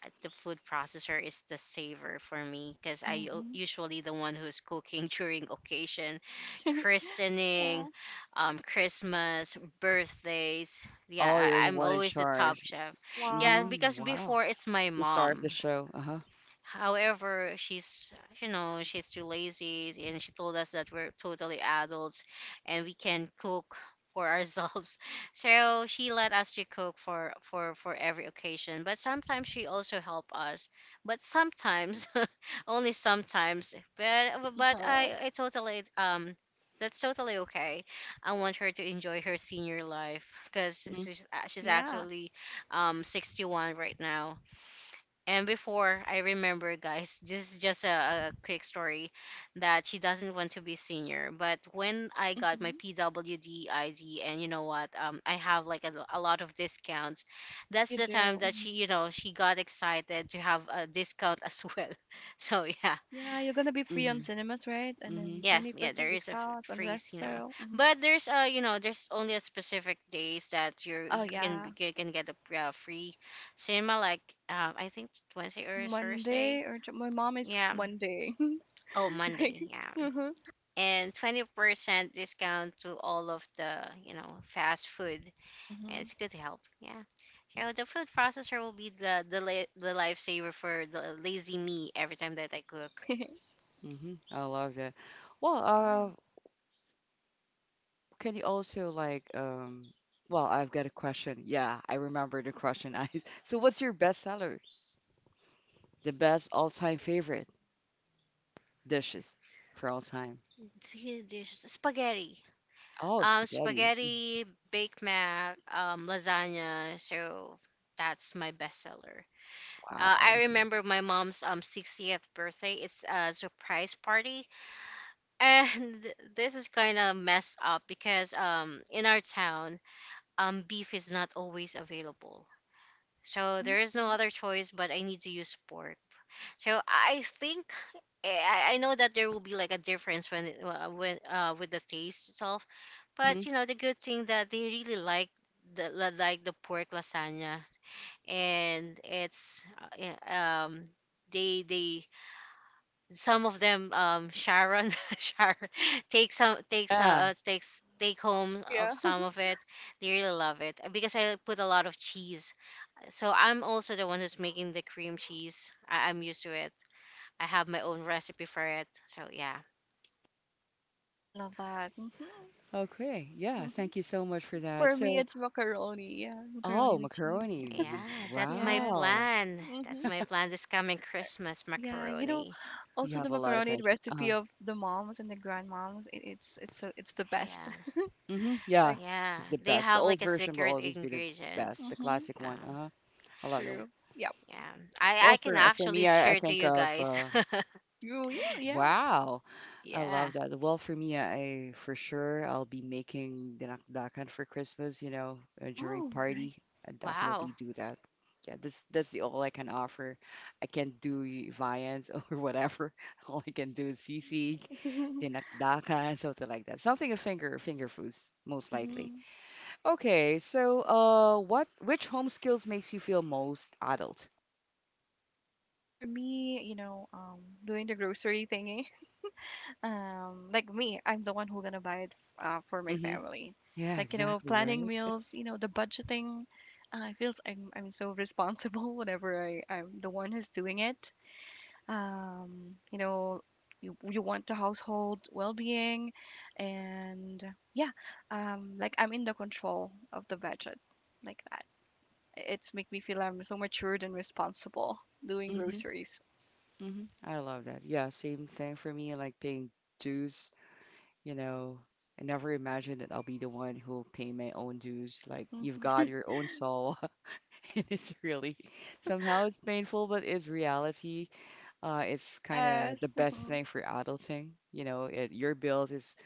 [SPEAKER 3] Uh, the food processor is the saver for me because I
[SPEAKER 2] hmm
[SPEAKER 3] usually the one who's cooking during occasion, christening,
[SPEAKER 2] Yeah.
[SPEAKER 3] Christmas, birthdays. Yeah,
[SPEAKER 1] Oh, you're the
[SPEAKER 3] I'm
[SPEAKER 1] one in
[SPEAKER 3] always the top
[SPEAKER 1] charge.
[SPEAKER 3] chef. Yeah,
[SPEAKER 2] Wow.
[SPEAKER 1] Mm-hmm.
[SPEAKER 3] because
[SPEAKER 1] Wow.
[SPEAKER 3] before it's my
[SPEAKER 1] You star of the
[SPEAKER 3] mom.
[SPEAKER 1] show. Uh-huh.
[SPEAKER 3] However, she's, you know, she's too lazy, and she told us that we're totally adults, and we can cook for ourselves. So she let us to cook for every occasion. But sometimes she also help us. But sometimes, only sometimes. But I
[SPEAKER 2] Huh.
[SPEAKER 3] I totally. That's totally okay. I want her to enjoy her senior life because
[SPEAKER 1] Mm-hmm.
[SPEAKER 3] she's
[SPEAKER 2] Yeah.
[SPEAKER 3] actually 61 right now. And before, I remember, guys, this is just a quick story, that she doesn't want to be senior. But when I got my
[SPEAKER 2] hmm
[SPEAKER 3] PWD ID, and you know what, I have like a lot of discounts. That's
[SPEAKER 2] You
[SPEAKER 3] the time
[SPEAKER 2] do.
[SPEAKER 3] that she,
[SPEAKER 2] Hmm
[SPEAKER 3] you know, she got excited to have a discount as well. So yeah,
[SPEAKER 2] Yeah, you're gonna be free
[SPEAKER 1] Mm-hmm.
[SPEAKER 2] on cinemas, right? And
[SPEAKER 1] Mm-hmm.
[SPEAKER 2] then
[SPEAKER 3] yeah.
[SPEAKER 2] 20%
[SPEAKER 3] There is a
[SPEAKER 2] discount on
[SPEAKER 3] free cinema,
[SPEAKER 2] restaurant. Hmm
[SPEAKER 3] but there's, you know, there's only a specific days that you are
[SPEAKER 2] Oh
[SPEAKER 3] you can
[SPEAKER 2] yeah.
[SPEAKER 3] you can get a free cinema. Like, I think Wednesday or
[SPEAKER 2] Monday
[SPEAKER 3] Thursday.
[SPEAKER 2] or my mom is
[SPEAKER 3] Yeah.
[SPEAKER 2] Monday.
[SPEAKER 3] Oh,
[SPEAKER 2] Like,
[SPEAKER 3] Monday, yeah.
[SPEAKER 2] hmm
[SPEAKER 3] And 20% discount to all of the, you know, fast food. And
[SPEAKER 2] hmm
[SPEAKER 3] it's good help, yeah. So the food processor will be the the lifesaver for the lazy me every time that I cook.
[SPEAKER 1] Mm-hmm. I love that. Well, uh,
[SPEAKER 2] Nice.
[SPEAKER 1] can you also like well, I've got a question. Yeah, I remember the question, Ice. So what's your best seller? The best all-time favorite dishes for all time.
[SPEAKER 3] Three dishes. Spaghetti.
[SPEAKER 1] Oh,
[SPEAKER 3] Um,
[SPEAKER 1] spaghetti. Mm.
[SPEAKER 3] spaghetti, Big Mac, lasagna. So that's my bestseller. I
[SPEAKER 1] Wow.
[SPEAKER 3] remember my mom's 60th birthday. It's a surprise party. And this is kind of messed up because in our town, beef is not always available. So
[SPEAKER 2] Hmm
[SPEAKER 3] there is no
[SPEAKER 2] hmm
[SPEAKER 3] other choice, but I need to use pork. So I think, I know that there will be like a difference when with the taste itself,
[SPEAKER 1] Mhm.
[SPEAKER 3] but you know the good thing that they really like like the pork lasagna. And it's yeah, um they, some of them, um, Sharon, Sharon
[SPEAKER 1] Yeah.
[SPEAKER 3] take home of
[SPEAKER 2] Yeah.
[SPEAKER 3] some of it. They really love it. Because I put a lot of cheese. So I'm also the one who's making the cream cheese. I'm used to it. I have my own recipe for it, so yeah.
[SPEAKER 2] I love that. Hmm
[SPEAKER 1] Okay. Yeah.
[SPEAKER 2] hmm
[SPEAKER 1] Thank you so much for that.
[SPEAKER 2] For me,
[SPEAKER 1] So,
[SPEAKER 2] it's macaroni. Yeah, macaroni
[SPEAKER 1] oh,
[SPEAKER 2] with cheese.
[SPEAKER 1] macaroni. You—
[SPEAKER 3] Yeah,
[SPEAKER 2] Yes.
[SPEAKER 1] wow.
[SPEAKER 2] Mac- hmm
[SPEAKER 3] that's my plan this coming Christmas,
[SPEAKER 2] Yeah, you know,
[SPEAKER 3] macaroni.
[SPEAKER 1] You
[SPEAKER 2] also the
[SPEAKER 1] have a lot of
[SPEAKER 2] macaroni
[SPEAKER 1] answers.
[SPEAKER 2] recipe
[SPEAKER 1] Uh-huh.
[SPEAKER 2] of the moms and the grandmoms, it's so it's the best.
[SPEAKER 3] Yeah,
[SPEAKER 1] Mm-hmm. Yeah.
[SPEAKER 2] Like,
[SPEAKER 3] yeah,
[SPEAKER 1] It's the
[SPEAKER 3] they
[SPEAKER 1] best. The
[SPEAKER 3] have
[SPEAKER 1] old
[SPEAKER 3] like a
[SPEAKER 1] version will
[SPEAKER 3] secret
[SPEAKER 1] always be the best.
[SPEAKER 3] ingredients.
[SPEAKER 1] The
[SPEAKER 2] mm-hmm,
[SPEAKER 1] classic one.
[SPEAKER 3] Uh,
[SPEAKER 1] Uh-huh. A lot of.
[SPEAKER 2] true. Yep.
[SPEAKER 3] yeah, I
[SPEAKER 1] Well,
[SPEAKER 3] can
[SPEAKER 1] for
[SPEAKER 3] actually
[SPEAKER 1] me, I
[SPEAKER 3] share to
[SPEAKER 1] think
[SPEAKER 3] you
[SPEAKER 1] of
[SPEAKER 3] guys.
[SPEAKER 2] True. Yeah, yeah.
[SPEAKER 1] wow. I
[SPEAKER 3] Yeah.
[SPEAKER 1] love that. Well, for me, I for sure I'll be making dinakdakan for Christmas, you know, during
[SPEAKER 2] Oh,
[SPEAKER 1] party.
[SPEAKER 2] nice.
[SPEAKER 1] I
[SPEAKER 3] Wow.
[SPEAKER 1] definitely do that. Yeah, that's the all I can offer. I can't do y- viands or whatever. All I can do is sisig, dinakdakan, something like that. Something of finger finger foods, most likely.
[SPEAKER 2] Mm-hmm.
[SPEAKER 1] Okay, so what which home skills makes you feel most adult?
[SPEAKER 2] For me, you know, doing the grocery thingy. Like me, I'm the one who gonna buy it for my
[SPEAKER 1] Mm-hmm.
[SPEAKER 2] family.
[SPEAKER 1] Yeah,
[SPEAKER 2] Like, you know,
[SPEAKER 1] exactly,
[SPEAKER 2] planning
[SPEAKER 1] right?
[SPEAKER 2] meals, you know, the budgeting. I feels I'm so responsible whenever I'm the one who's doing it. You know, you want the household well-being and yeah, like I'm in the control of the budget, like that, it's make me feel I'm so matured and responsible doing groceries.
[SPEAKER 1] hmm I love that. Yeah, same thing for me, like paying dues, you know. I never imagined that I'll be the one who'll pay my own dues. Like you've
[SPEAKER 2] Mhm.
[SPEAKER 1] got your own soul. And it's really somehow it's painful, but it's reality. It's kind
[SPEAKER 2] Yes.
[SPEAKER 1] of the best
[SPEAKER 2] hmm
[SPEAKER 1] thing for adulting. You know, it, your bills is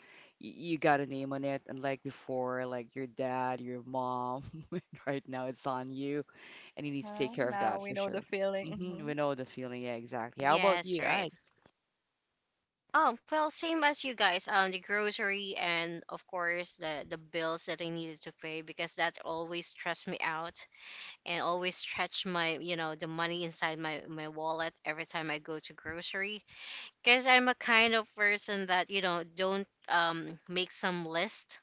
[SPEAKER 1] y- you got a name on it, and like before, like your dad, your mom. Right now, it's on you, and you need to
[SPEAKER 2] Uh-huh.
[SPEAKER 1] take care of
[SPEAKER 2] Now
[SPEAKER 1] that
[SPEAKER 2] we
[SPEAKER 1] for
[SPEAKER 2] know the
[SPEAKER 1] sure.
[SPEAKER 2] feeling.
[SPEAKER 1] hmm
[SPEAKER 2] Hmm
[SPEAKER 1] We know the feeling. Yeah, exactly. How about you,
[SPEAKER 3] Yes, right.
[SPEAKER 1] guys?
[SPEAKER 3] Oh, well, same as you guys. The grocery, and of course the bills that I needed to pay, because that always stressed me out and always stretched my, you know, the money inside my my wallet every time I go to grocery. Because I'm a kind of person that, you know, don't make some list.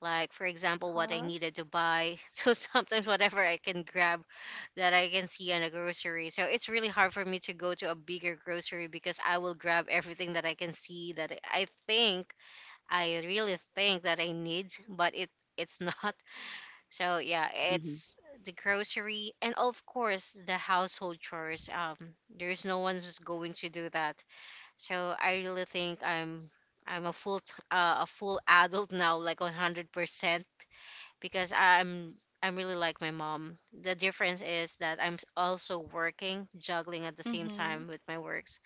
[SPEAKER 3] Like for example, what I
[SPEAKER 2] Uh-huh.
[SPEAKER 3] needed to buy. So sometimes whatever I can grab that I can see on a grocery. So it's really hard for me to go to a bigger grocery because I will grab everything that I can see that I think, I really think that I need, but it's not. So yeah,
[SPEAKER 1] Mhm.
[SPEAKER 3] it's the grocery, and of course the household chores. There's no one's just going to do that. So I really think I'm a full t- a full adult now, like 100% because I'm really like my mom. The difference is that I'm also working, juggling at the same
[SPEAKER 2] hmm
[SPEAKER 3] time with my works.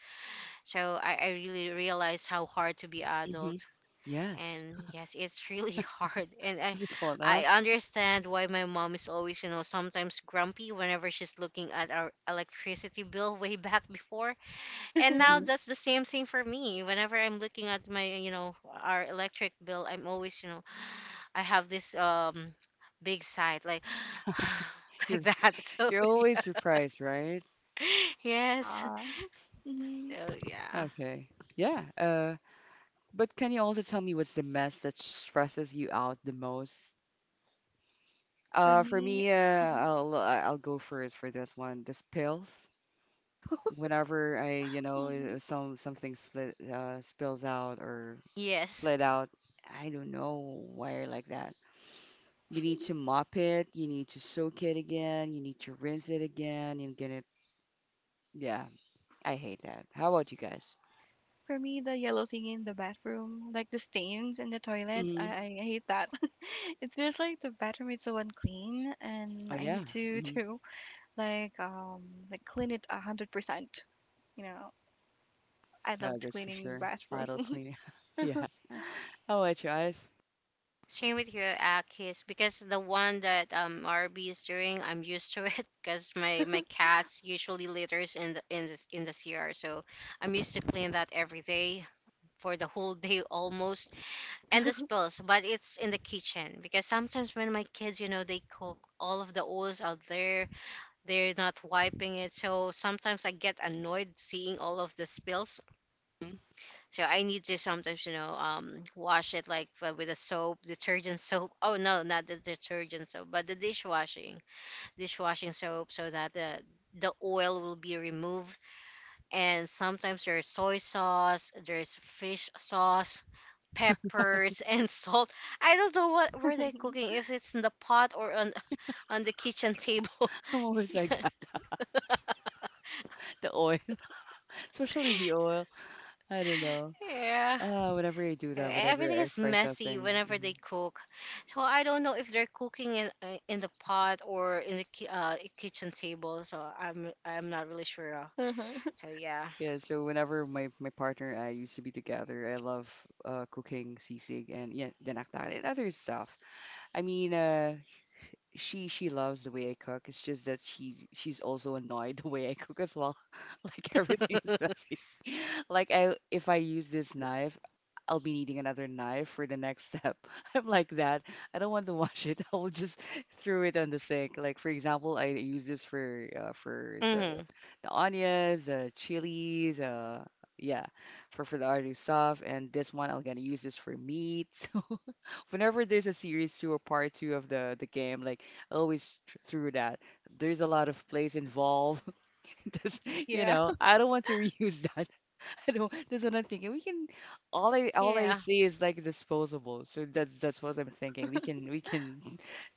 [SPEAKER 3] So I really realized how hard to be adult.
[SPEAKER 1] Mhm. Yes.
[SPEAKER 3] And yes, it's really hard. And I
[SPEAKER 1] Difficult, huh?
[SPEAKER 3] I understand why my mom is always, you know, sometimes grumpy whenever she's looking at our electricity bill way back before. And now
[SPEAKER 1] Mhm.
[SPEAKER 3] that's the same thing for me. Whenever I'm looking at my, you know, our electric bill, I'm always, you know, I have this big sigh, like like
[SPEAKER 1] You're
[SPEAKER 3] that. So
[SPEAKER 1] you're
[SPEAKER 3] yeah.
[SPEAKER 1] always surprised, right?
[SPEAKER 3] Yes.
[SPEAKER 2] yeah. hmm
[SPEAKER 3] So yeah.
[SPEAKER 1] Okay. Yeah. But can you also tell me what's the mess that stresses you out the most?
[SPEAKER 2] For
[SPEAKER 1] For
[SPEAKER 2] me.
[SPEAKER 1] me,
[SPEAKER 2] Hmm
[SPEAKER 1] I'll I'll go first for this one. The spills. Whenever I, you know,
[SPEAKER 2] hmm
[SPEAKER 1] some something split spills out or
[SPEAKER 3] Yes.
[SPEAKER 1] split out, I don't know why you're like that. You need to mop it. You need to soak it again. You need to rinse it again. And get it. Yeah, I hate that. How about you guys?
[SPEAKER 2] For me, the yellow thing in the bathroom, like the stains in the toilet,
[SPEAKER 1] Hmm
[SPEAKER 2] I hate that. It feels like the bathroom is so unclean, and
[SPEAKER 1] Oh
[SPEAKER 2] I
[SPEAKER 1] yeah,
[SPEAKER 2] need to
[SPEAKER 1] hmm,
[SPEAKER 2] to like um like clean it 100%. You know, I
[SPEAKER 1] yeah,
[SPEAKER 2] loved
[SPEAKER 1] that's for
[SPEAKER 2] cleaning
[SPEAKER 1] sure. Idle
[SPEAKER 2] bathrooms.
[SPEAKER 1] cleaning. Yeah. How about you guys?
[SPEAKER 3] Same with your Akis, because the one that RB is doing, I'm used to it because my cats usually litters in the CR. So I'm used to clean that every day for the whole day almost. And the spills, but it's in the kitchen, because sometimes when my kids, you know, they cook, all of the oils out there, they're not wiping it. So sometimes I get annoyed seeing all of the spills.
[SPEAKER 1] Mhm.
[SPEAKER 3] So I need to sometimes, you know, wash it like, with a soap, detergent soap. Oh no, not the detergent soap, but the dishwashing soap, so that the oil will be removed. And sometimes there's soy sauce, there's fish sauce, peppers, and salt. I don't know what were they cooking, if it's in the pot or on the kitchen table.
[SPEAKER 1] I'm always like that. The oil, especially the oil. I don't know.
[SPEAKER 3] Yeah,
[SPEAKER 1] Whenever I do that, whenever
[SPEAKER 3] everything
[SPEAKER 1] I
[SPEAKER 3] is
[SPEAKER 1] fry
[SPEAKER 3] messy
[SPEAKER 1] something.
[SPEAKER 3] whenever
[SPEAKER 1] Hmm
[SPEAKER 3] they cook. So I don't know if they're cooking in, in the pot or in the kitchen table. So I'm not really sure. Uh,
[SPEAKER 2] Uh-huh.
[SPEAKER 3] so yeah.
[SPEAKER 1] Yeah, so whenever my, my partner and I used to be together, I love cooking sisig and yeah, dinakdakan and other stuff. I mean, uh, she loves the way I cook. It's just that she she's also annoyed the way I cook as well. Like everything is messy. Like I, if I use this knife, I'll be needing another knife for the next step. I'm like that. I don't want to wash it. I will just throw it on the sink. Like for example, I use this for
[SPEAKER 3] Hmm.
[SPEAKER 1] the onions, chilies, yeah, for the other stuff. And this one, I'm gonna use this for meat. So whenever there's a series two or part two of the game, like I always tr- through that. There's a lot of plays involved. Just you
[SPEAKER 2] Yeah.
[SPEAKER 1] know, I don't want to reuse that. I don't. That's what I'm thinking. We can all I
[SPEAKER 3] Yeah.
[SPEAKER 1] see is like disposable. So that's what I'm thinking. We can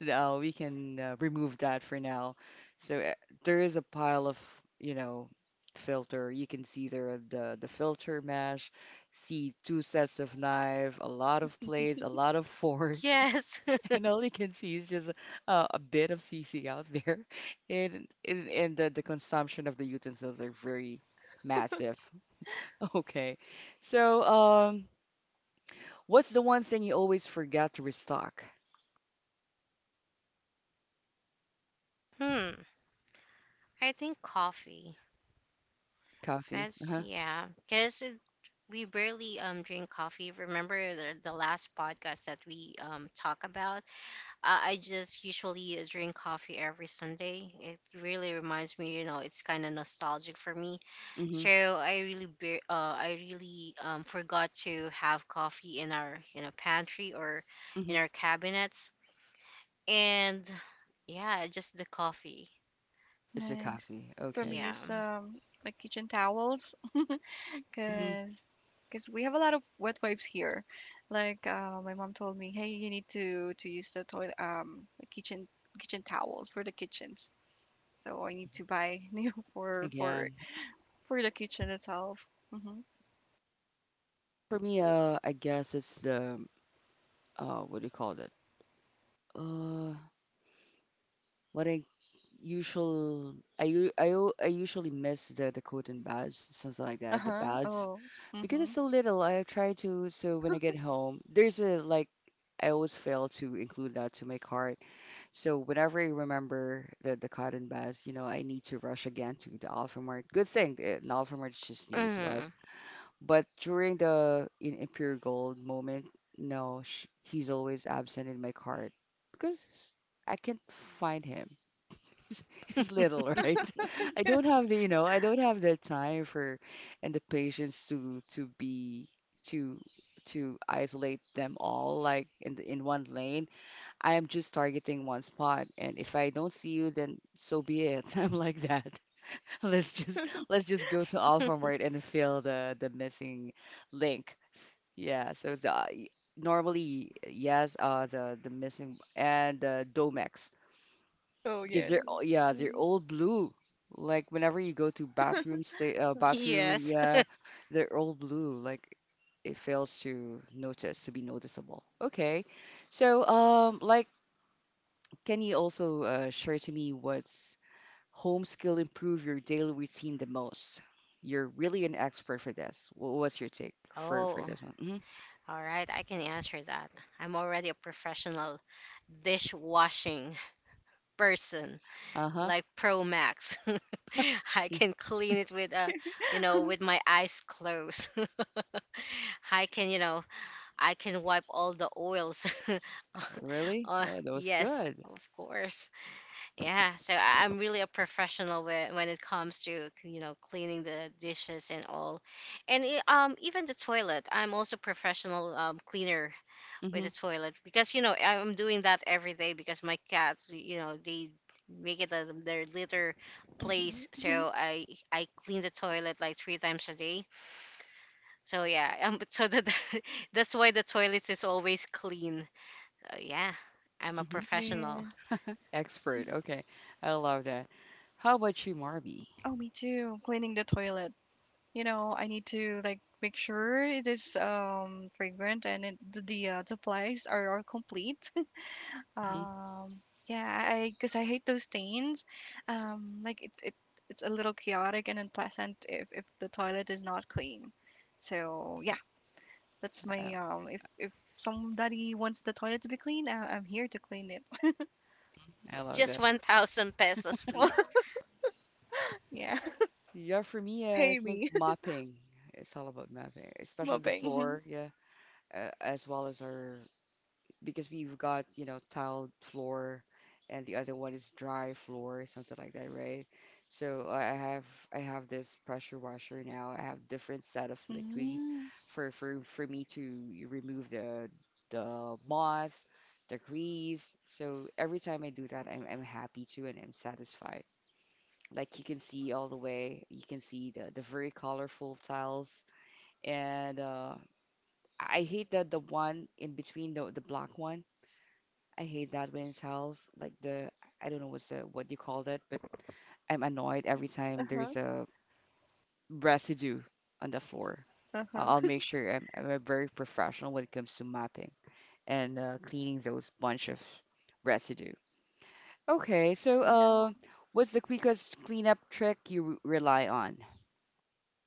[SPEAKER 1] we can remove that for now. So there is a pile of you know filter. You can see there are the filter mesh, see two sets of knife, a lot of plates, a lot of fork.
[SPEAKER 3] Yes.
[SPEAKER 1] And all you can see is just a bit of CC out there. And the consumption of the utensils are very massive. Okay. So, what's the one thing you always forgot to restock?
[SPEAKER 3] Hmm. I think coffee.
[SPEAKER 1] Coffee.
[SPEAKER 3] That's
[SPEAKER 1] Uh-huh.
[SPEAKER 3] yeah. Because we barely drink coffee. Remember the last podcast that we talk about? I just usually drink coffee every Sunday. It really reminds me, you know, it's kind of nostalgic for me.
[SPEAKER 1] Mm-hmm.
[SPEAKER 3] So I really I really forgot to have coffee in our, you know, pantry or in
[SPEAKER 1] Mm-hmm.
[SPEAKER 3] our cabinets. And yeah, just the coffee.
[SPEAKER 1] It's the
[SPEAKER 2] Nice.
[SPEAKER 1] coffee.
[SPEAKER 2] For
[SPEAKER 1] Okay.
[SPEAKER 2] me,
[SPEAKER 3] Yeah.
[SPEAKER 2] it's like kitchen towels,
[SPEAKER 1] Mm-hmm.
[SPEAKER 2] cause we have a lot of wet wipes here. Like my mom told me, hey, you need to use the toilet the kitchen kitchen towels for the kitchen. So I need to buy new for for
[SPEAKER 1] Again,
[SPEAKER 2] for the kitchen itself. Mm-hmm.
[SPEAKER 1] for me, I guess it's the, what do you call it? Uh, what I usual I usually miss the coat and bags, something like
[SPEAKER 2] Uh
[SPEAKER 1] that. The
[SPEAKER 2] huh.
[SPEAKER 1] bags,
[SPEAKER 2] Oh.
[SPEAKER 1] because it's
[SPEAKER 2] Mm-hmm.
[SPEAKER 1] so little, I try to, so when I get home, there's a like I always fail to include that to my cart. So whenever I remember the cotton bags, you know, I need to rush again to the Alfamart. Good thing eh, the an Alfamart is just near to
[SPEAKER 3] Mm.
[SPEAKER 1] us. But during the in pure gold moment, no, sh he's always absent in my cart because I can't find him, is is little, right? I don't have the, you know, I don't have the time for and the patience to be to to isolate them all like in the, in one lane. I am just targeting one spot, and if I don't see you, then so be it. I'm like that. Let's just go to Alphamart and fill the missing link. Yeah, so the normally yes, the missing and the Domex
[SPEAKER 2] Oh
[SPEAKER 1] because
[SPEAKER 2] yeah.
[SPEAKER 1] they're all yeah they're
[SPEAKER 2] Mm-hmm.
[SPEAKER 1] all blue, like whenever you go to bathroom stay bathroom,
[SPEAKER 3] Yes.
[SPEAKER 1] yeah, they're all blue, like it fails to notice to be noticeable. Okay, so like, can you also share to me what's home skill improve your daily routine the most? You're really an expert for this. What's your take for
[SPEAKER 3] Oh.
[SPEAKER 1] this one? Hmm
[SPEAKER 3] All right, I can answer that. I'm already a professional dishwashing person,
[SPEAKER 1] Uh-huh.
[SPEAKER 3] like Pro Max. I can clean it with you know, with my eyes closed. I can, you know, I can wipe all the oils.
[SPEAKER 1] Really?
[SPEAKER 3] Uh,
[SPEAKER 1] Oh, that was
[SPEAKER 3] yes,
[SPEAKER 1] good.
[SPEAKER 3] of course. Yeah, so I'm really a professional when it comes to, you know, cleaning the dishes and all. And even the toilet, I'm also professional, cleaner with
[SPEAKER 1] Mm-hmm.
[SPEAKER 3] the toilet, because you know I'm doing that every day, because my cats, you know, they make it a, their litter place.
[SPEAKER 2] Mm-hmm.
[SPEAKER 3] So I clean the toilet like 3 times a day. So yeah, um, but so that that's why the toilet is always clean. So yeah, I'm a
[SPEAKER 1] Mm-hmm.
[SPEAKER 2] And
[SPEAKER 3] professional.
[SPEAKER 2] then,
[SPEAKER 1] Expert. Okay, I love that. How about you, Marby?
[SPEAKER 2] oh, me too. Cleaning the toilet. You know, I need to like make sure it is fragrant and supplies are complete.
[SPEAKER 1] Mm-hmm.
[SPEAKER 2] Um, yeah, I because I hate those stains. Like it it's a little chaotic and unpleasant if the toilet is not clean. So yeah. That's
[SPEAKER 1] I
[SPEAKER 2] my. If somebody wants the toilet to be clean, I'm here to clean it.
[SPEAKER 1] I love
[SPEAKER 3] Just
[SPEAKER 1] that.
[SPEAKER 3] 1,000 pesos please.
[SPEAKER 2] Yeah.
[SPEAKER 1] Yeah, for me, I
[SPEAKER 2] Pay
[SPEAKER 1] think
[SPEAKER 2] me
[SPEAKER 1] mopping. It's all about mopping, especially the
[SPEAKER 2] mopping.
[SPEAKER 1] floor. Yeah, as well as our because we've got you know tiled floor, and the other one is dry floor, something like that, right? So I have I have this pressure washer now. I have different set of liquid
[SPEAKER 2] Mm,
[SPEAKER 1] for me to remove the moss, the grease. So every time I do that, I'm happy too, and I'm satisfied. Like you can see all the way, you can see the very colorful tiles. And I hate that the one in between the black one. I hate that when it tiles like the I don't know what's the what you call that, but I'm annoyed every time
[SPEAKER 2] Uh-huh.
[SPEAKER 1] there's a residue on the floor. I'll
[SPEAKER 2] uh-huh.
[SPEAKER 1] make sure I'm a very professional when it comes to mapping and cleaning those bunch of residue. Okay, so
[SPEAKER 2] Yeah.
[SPEAKER 1] what's the quickest cleanup trick you rely on?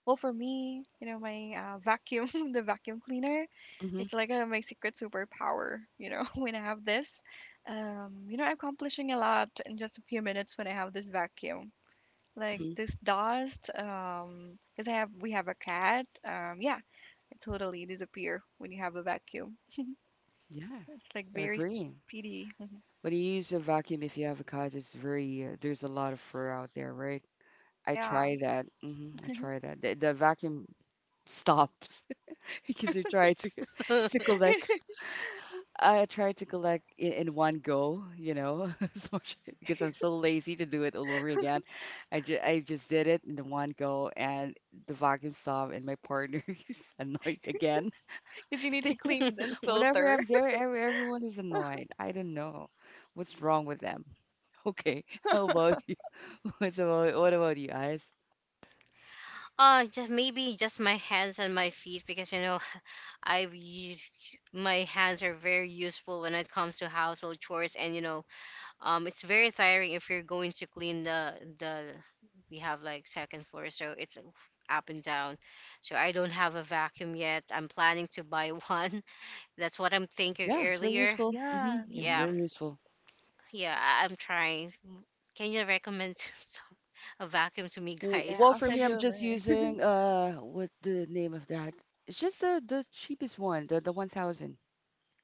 [SPEAKER 2] Well, for me, you know, my vacuum, the vacuum cleaner,
[SPEAKER 1] Mm-hmm.
[SPEAKER 2] it's like my secret superpower. You know, when I have this, you know, I'm accomplishing a lot in just a few minutes when I have this vacuum. Like this dust because I have we have a cat, yeah, it totally disappear when you have a vacuum.
[SPEAKER 1] Yeah,
[SPEAKER 2] It's like
[SPEAKER 1] I
[SPEAKER 2] very
[SPEAKER 1] agree.
[SPEAKER 2] speedy.
[SPEAKER 1] But you use a vacuum if you have a cat. It's very there's a lot of fur out there, right? I
[SPEAKER 2] yeah.
[SPEAKER 1] try that. Hmm I
[SPEAKER 2] Because
[SPEAKER 1] try that. The vacuum stops because you try to
[SPEAKER 3] Uh,
[SPEAKER 1] to collect. I try to collect in one go, you know, as much- because I'm so lazy to do it all over again. I just did it in the one go, and the vacuum stopped, and my partner is annoyed again.
[SPEAKER 2] you need to clean and
[SPEAKER 1] Whenever
[SPEAKER 2] filter.
[SPEAKER 1] I'm there, every, everyone is annoyed. I don't know what's wrong with them. Okay, how about you? What's about, what about you guys?
[SPEAKER 3] just maybe just my hands and my feet, because you know I've used my hands are very useful when it comes to household chores. And you know, it's very tiring if you're going to clean the we have like second floor, so it's up and down. So I don't have a vacuum yet. I'm planning to buy one. That's what I'm thinking
[SPEAKER 1] Yeah, it's very
[SPEAKER 3] earlier.
[SPEAKER 1] useful. Hmm
[SPEAKER 2] yeah.
[SPEAKER 1] Yeah,
[SPEAKER 3] Yeah.
[SPEAKER 1] very useful.
[SPEAKER 3] Yeah, I'm trying. Can you recommend a vacuum to me,
[SPEAKER 2] Yeah,
[SPEAKER 3] guys?
[SPEAKER 1] Well,
[SPEAKER 2] I'll
[SPEAKER 1] for me,
[SPEAKER 2] send you
[SPEAKER 1] I'm
[SPEAKER 2] a
[SPEAKER 1] just
[SPEAKER 2] link.
[SPEAKER 1] using what the name of that? It's just the cheapest one, the 1000,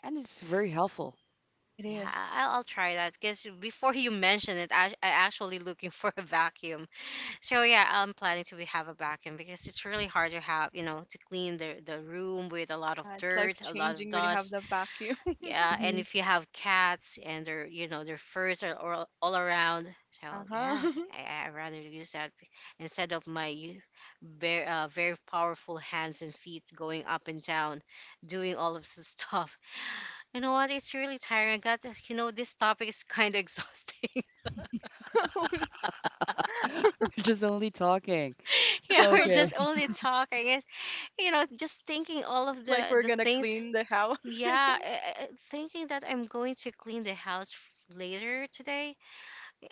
[SPEAKER 1] and it's very helpful.
[SPEAKER 2] it
[SPEAKER 3] Yeah,
[SPEAKER 2] is.
[SPEAKER 3] will, I'll try that, because before you mentioned it, I actually looking for a vacuum. So yeah, I'm planning to have a vacuum, because it's really hard to have, you know, to clean the room with a lot of
[SPEAKER 2] Yeah, it's life
[SPEAKER 3] dirt, a lot of
[SPEAKER 2] changing when you have
[SPEAKER 3] dust.
[SPEAKER 2] the vacuum.
[SPEAKER 3] Yeah, and
[SPEAKER 1] Hmm
[SPEAKER 3] if you have cats, and their, you know, their furs are all around. So yeah,
[SPEAKER 2] uh-huh.
[SPEAKER 3] I rather use that instead of my very very powerful hands and feet going up and down, doing all of this stuff. You know what? It's really tiring. I got you know this topic is kind of exhausting.
[SPEAKER 1] Just only talking.
[SPEAKER 3] Yeah, we're
[SPEAKER 1] Okay.
[SPEAKER 3] just only talking. You know, just thinking all
[SPEAKER 2] It's
[SPEAKER 3] of
[SPEAKER 2] like
[SPEAKER 3] the
[SPEAKER 2] we're
[SPEAKER 3] the
[SPEAKER 2] gonna
[SPEAKER 3] things.
[SPEAKER 2] clean the house.
[SPEAKER 3] Yeah, thinking that I'm going to clean the house later today.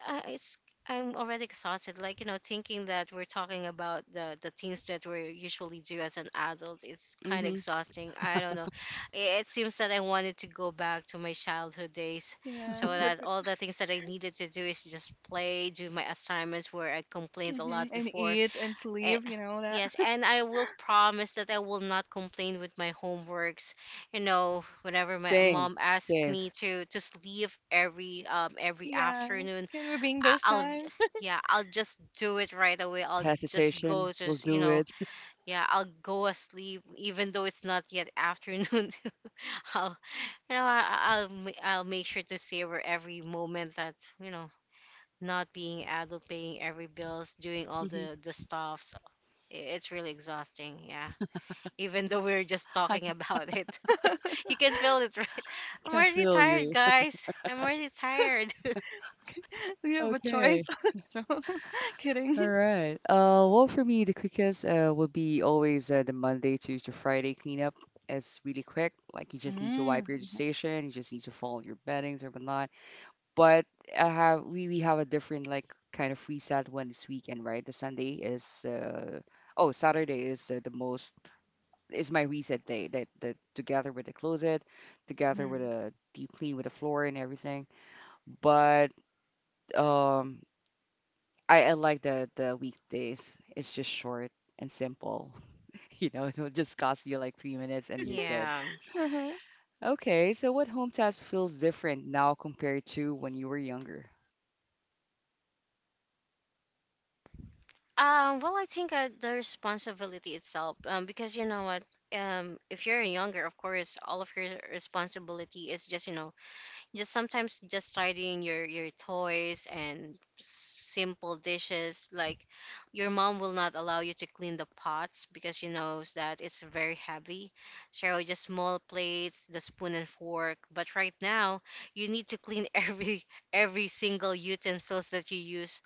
[SPEAKER 3] It's I'm already exhausted, like, you know, thinking that we're talking about the things that we usually do as an adult, it's kind of
[SPEAKER 1] hmm
[SPEAKER 3] exhausting. I don't know, it seems that I wanted to go back to my childhood days,
[SPEAKER 2] yeah
[SPEAKER 3] so
[SPEAKER 2] but
[SPEAKER 3] that all the things that I needed to do is just play, do my assignments, where I complained a lot
[SPEAKER 2] hmm and
[SPEAKER 3] before.
[SPEAKER 2] eat and
[SPEAKER 3] Eh,
[SPEAKER 2] sleep you know that.
[SPEAKER 3] yes, and I will promise that I will not complain with my homeworks. You know, whenever my
[SPEAKER 1] Same,
[SPEAKER 3] mom asks
[SPEAKER 1] same.
[SPEAKER 3] me to just leave every
[SPEAKER 2] Yeah,
[SPEAKER 3] afternoon,
[SPEAKER 2] can we bring those
[SPEAKER 3] I'll,
[SPEAKER 2] times?
[SPEAKER 3] yeah, I'll just do it right away. I'll just go,
[SPEAKER 1] Hesitation will
[SPEAKER 3] just you
[SPEAKER 1] do
[SPEAKER 3] know,
[SPEAKER 1] it.
[SPEAKER 3] yeah, I'll go asleep even though it's not yet afternoon. I'll, you know, I'll make sure to savor every moment that, you know, not being adult, paying every bills, doing all
[SPEAKER 1] hmm
[SPEAKER 3] the stuffs. It's really exhausting. Yeah. Even though we're just
[SPEAKER 1] I
[SPEAKER 3] talking
[SPEAKER 1] can
[SPEAKER 3] about it, you can feel it, right?
[SPEAKER 1] I
[SPEAKER 3] I'm
[SPEAKER 1] can
[SPEAKER 3] already
[SPEAKER 1] feel
[SPEAKER 3] tired,
[SPEAKER 1] you.
[SPEAKER 3] guys. I'm already tired.
[SPEAKER 2] Do you have a choice?
[SPEAKER 1] Okay.
[SPEAKER 2] Jo kidding.
[SPEAKER 1] All right. Well, for me, the quickest would be always the Monday to Friday cleanup. It's really quick. Like you just need to wipe
[SPEAKER 2] Mm,
[SPEAKER 1] your station, you just need to fold your beddings or whatnot. But I have we have a different like kind of reset when it's weekend, right? The Sunday is uh oh Saturday is the most is my reset day. That that together with the closet, together with
[SPEAKER 2] mhm,
[SPEAKER 1] a deep clean with the floor and everything. But um. I like the weekdays. It's just short and simple. You know, it'll just cost you like 3 minutes and you're good.
[SPEAKER 3] Yeah.
[SPEAKER 2] mhm.
[SPEAKER 1] Okay, so what home task feels different now compared to when you were younger?
[SPEAKER 3] Well, I think the responsibility itself, because you know what, if you're younger, of course, all of your responsibility is just, you know, just sometimes just starting your toys and simple dishes, like your mom will not allow you to clean the pots because she knows that it's very heavy, so just small plates, the spoon and fork. But right now you need to clean every single utensils that you use.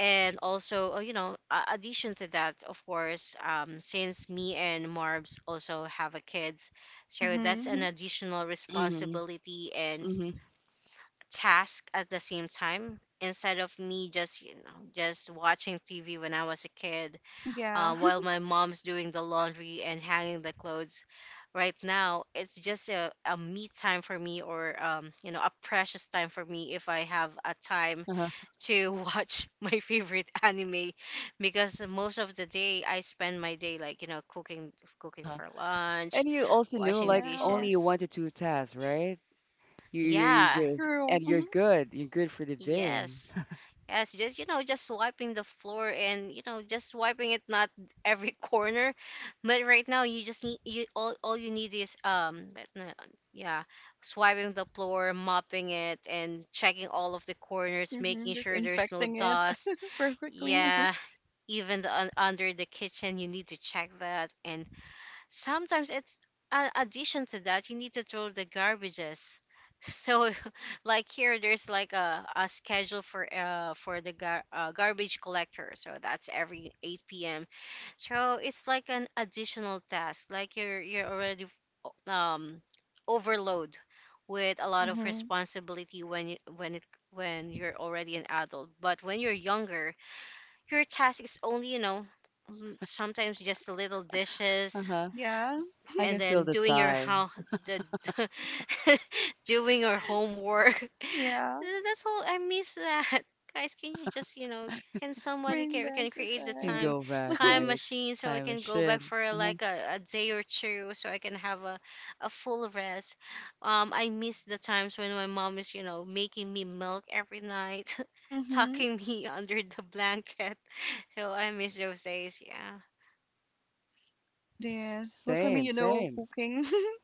[SPEAKER 3] And also you know, addition to that, of course, since me and Marbs also have a kids, so
[SPEAKER 2] Mhm,
[SPEAKER 3] that's an
[SPEAKER 2] mhm.
[SPEAKER 3] additional
[SPEAKER 1] Mm-hmm.
[SPEAKER 3] responsibility and
[SPEAKER 1] Mm-hmm.
[SPEAKER 3] task at the same time, instead of me just, you know, just watching TV when I was a kid,
[SPEAKER 2] Yeah.
[SPEAKER 3] while my mom's doing the laundry and hanging the clothes. Right now it's just a me time for me, or you know, a precious time for me if I have a time
[SPEAKER 1] Uh-huh.
[SPEAKER 3] to watch my favorite anime, because most of the day I spend my day like, you know, cooking, cooking
[SPEAKER 1] Uh-huh.
[SPEAKER 3] for lunch,
[SPEAKER 1] And you also knew
[SPEAKER 3] washing
[SPEAKER 1] like
[SPEAKER 2] Yeah.
[SPEAKER 1] only
[SPEAKER 3] dishes.
[SPEAKER 1] one to two tasks, right? You
[SPEAKER 3] Yeah.
[SPEAKER 1] just
[SPEAKER 2] True.
[SPEAKER 1] and you're
[SPEAKER 2] Mhm,
[SPEAKER 1] good. You're good for the day.
[SPEAKER 3] Yes. Yes, just you know, just wiping the floor and you know, just wiping it not every corner, but right now you just need, you all you need is but no, yeah, swiping the floor, mopping it, and checking all of the corners, making
[SPEAKER 2] mhm.
[SPEAKER 3] sure there's no
[SPEAKER 2] Disinfecting it
[SPEAKER 3] dust.
[SPEAKER 2] perfectly.
[SPEAKER 3] Yeah, even the under the kitchen, you need to check that. And sometimes it's an addition to that, you need to throw the garbages, so like here there's like a schedule for the garbage collector, so that's every 8 p.m. So it's like an additional task, like you're already, um overload with a lot of
[SPEAKER 2] Mhm.
[SPEAKER 3] responsibility when you when you're already an adult. But when you're younger, your task is only, you know, sometimes just little dishes
[SPEAKER 1] Uh-huh.
[SPEAKER 2] Yeah.
[SPEAKER 1] I
[SPEAKER 3] and
[SPEAKER 1] can feel
[SPEAKER 3] then
[SPEAKER 1] the
[SPEAKER 3] doing your
[SPEAKER 1] sigh.
[SPEAKER 3] the, doing your homework.
[SPEAKER 2] Yeah.
[SPEAKER 3] That's all, I miss that. Guys, can you just, you know, can somebody
[SPEAKER 2] Bring
[SPEAKER 3] can,
[SPEAKER 2] back the
[SPEAKER 3] create the
[SPEAKER 1] Can
[SPEAKER 2] time.
[SPEAKER 1] go back,
[SPEAKER 3] time
[SPEAKER 1] right?
[SPEAKER 3] machine so I
[SPEAKER 1] Time
[SPEAKER 3] can go back
[SPEAKER 1] machine.
[SPEAKER 3] for
[SPEAKER 1] Uh-huh.
[SPEAKER 3] like a day or two so I can have a full rest. I miss the times when my mom is, you know, making me milk every night,
[SPEAKER 2] Mhm.
[SPEAKER 3] tucking me under the blanket. So I miss those days. Yeah.
[SPEAKER 2] It is. Well, for me,
[SPEAKER 1] Same,
[SPEAKER 2] you know,
[SPEAKER 1] same.
[SPEAKER 2] cooking.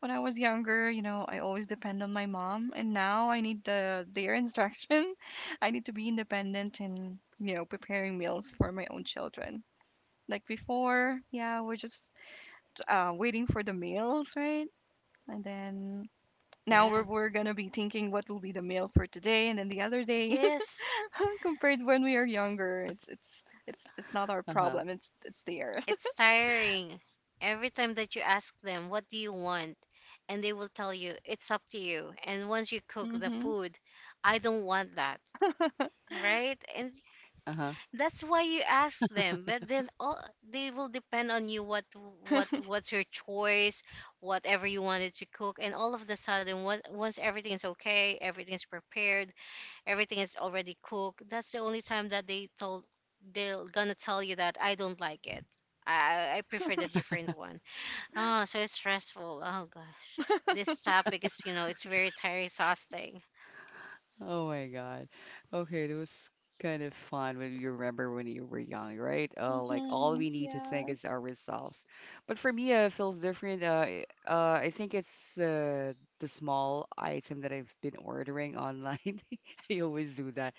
[SPEAKER 2] When I was younger, you know, I always depend on my mom, and now I need the their instruction. I need to be independent in, you know, preparing meals for my own children. Like before, yeah, we're just waiting for the meals, right? And then now we're,
[SPEAKER 3] Yeah,
[SPEAKER 2] we're gonna be thinking what will be the meal for today and then the other day
[SPEAKER 3] yes.
[SPEAKER 2] compared when we are younger. It's not our
[SPEAKER 1] Uh-huh.
[SPEAKER 2] problem. It's theirs.
[SPEAKER 3] It's tiring. Every time that you ask them, what do you want? And they will tell you, it's up to you. And once you cook the
[SPEAKER 2] mm-hmm.
[SPEAKER 3] food, I don't want that, right? And
[SPEAKER 1] Uh-huh.
[SPEAKER 3] that's why you ask them. But then all they will depend on you what what's your choice, whatever you wanted to cook. And all of the sudden, what, once everything's okay, everything's prepared, everything is already cooked. That's the only time that they're gonna tell you that I don't like it. I prefer the different one. Oh, so it's stressful. Oh gosh, this topic is, you know, it's very tiring, exhausting.
[SPEAKER 1] Oh my God. Okay, that was kind of fun when you remember when you were young, right? Like all
[SPEAKER 2] Mm-hmm.
[SPEAKER 1] we need to think
[SPEAKER 2] Yeah.
[SPEAKER 1] is ourselves. But for me, it feels different. I think it's the small item that I've been ordering online. I always do that.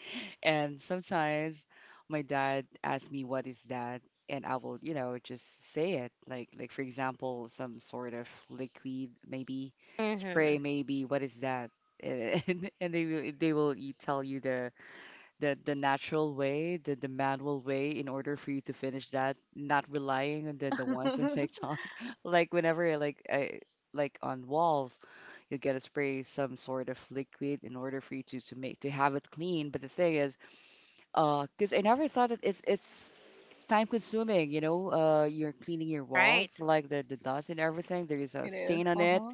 [SPEAKER 1] And sometimes my dad asks me, "What is that?" And I will, you know, just say it. Like, for example, some sort of liquid, maybe
[SPEAKER 3] Mm-hmm.
[SPEAKER 1] spray, maybe. What is that? And and they will tell you the natural way, the manual way in order for you to finish that, not relying on the ones on TikTok. Like whenever I like on walls, you get to spray some sort of liquid in order for you to make to have it clean. But the thing is, because I never thought that it's time consuming. You know, you're cleaning your
[SPEAKER 3] Right.
[SPEAKER 1] walls like the dust and everything. There is a
[SPEAKER 2] It is.
[SPEAKER 1] stain on it
[SPEAKER 2] Uh-huh.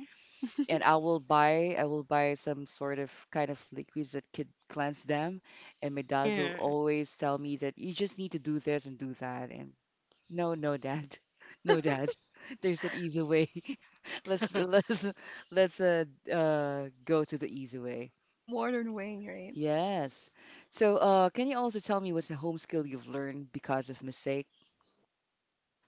[SPEAKER 1] and I will buy some sort of kind of liquids that could cleanse them. And my dad will
[SPEAKER 3] Mm.
[SPEAKER 1] always tell me that you just need to do this and do that. And no, no, dad, no, dad. There's an easy way. Let's let's let's go to the easy way.
[SPEAKER 2] The modern way, right?
[SPEAKER 1] Yes. So can you also tell me what's a home skill you've learned because of mistake?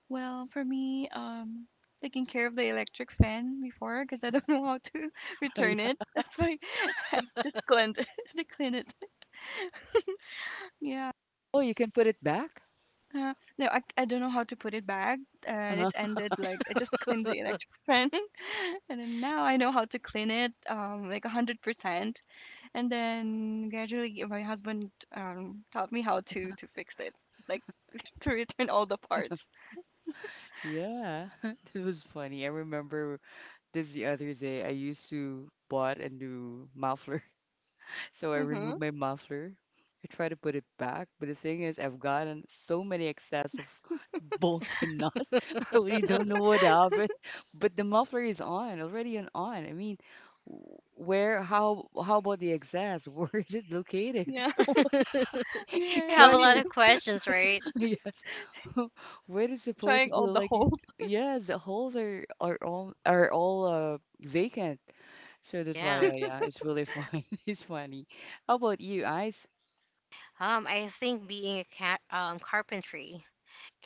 [SPEAKER 2] Well, for me, taking care of the electric fan before because I don't know how to return
[SPEAKER 1] Yeah.
[SPEAKER 2] it. That's why I just cleaned it. I clean it. Yeah.
[SPEAKER 1] Oh, you can put it back.
[SPEAKER 2] Uh, no, I don't know how to put it back. And
[SPEAKER 1] Uh-huh.
[SPEAKER 2] it ended like I just cleaned the electric fan. And then now I know how to clean it like 100%. And then gradually my husband taught me how to fix it, like to return all the parts.
[SPEAKER 1] Yeah, it was funny. I remember. Just the other day, I used to bought a new muffler, so I
[SPEAKER 2] Mm-hmm.
[SPEAKER 1] removed my muffler. I tried to put it back, but the thing is, I've gotten so many excess of bolts and nuts. I really
[SPEAKER 3] You
[SPEAKER 1] don't know what happened, but the muffler is on already and on. I mean, w- where? How? How about the excess? Where is it located?
[SPEAKER 2] Yeah.
[SPEAKER 1] You
[SPEAKER 2] Yeah,
[SPEAKER 3] have
[SPEAKER 1] try
[SPEAKER 2] you
[SPEAKER 3] a
[SPEAKER 2] need
[SPEAKER 3] lot
[SPEAKER 1] to,
[SPEAKER 2] to
[SPEAKER 3] of questions, right?
[SPEAKER 1] yes. What is supposed to
[SPEAKER 2] trying
[SPEAKER 1] do?
[SPEAKER 2] all the
[SPEAKER 1] Like, it,
[SPEAKER 2] holes.
[SPEAKER 1] yes, the holes are all vacant. So that's why,
[SPEAKER 3] Yeah.
[SPEAKER 1] yeah, it's really fun. It's funny. How about you, Ice?
[SPEAKER 3] I think being a carpentry,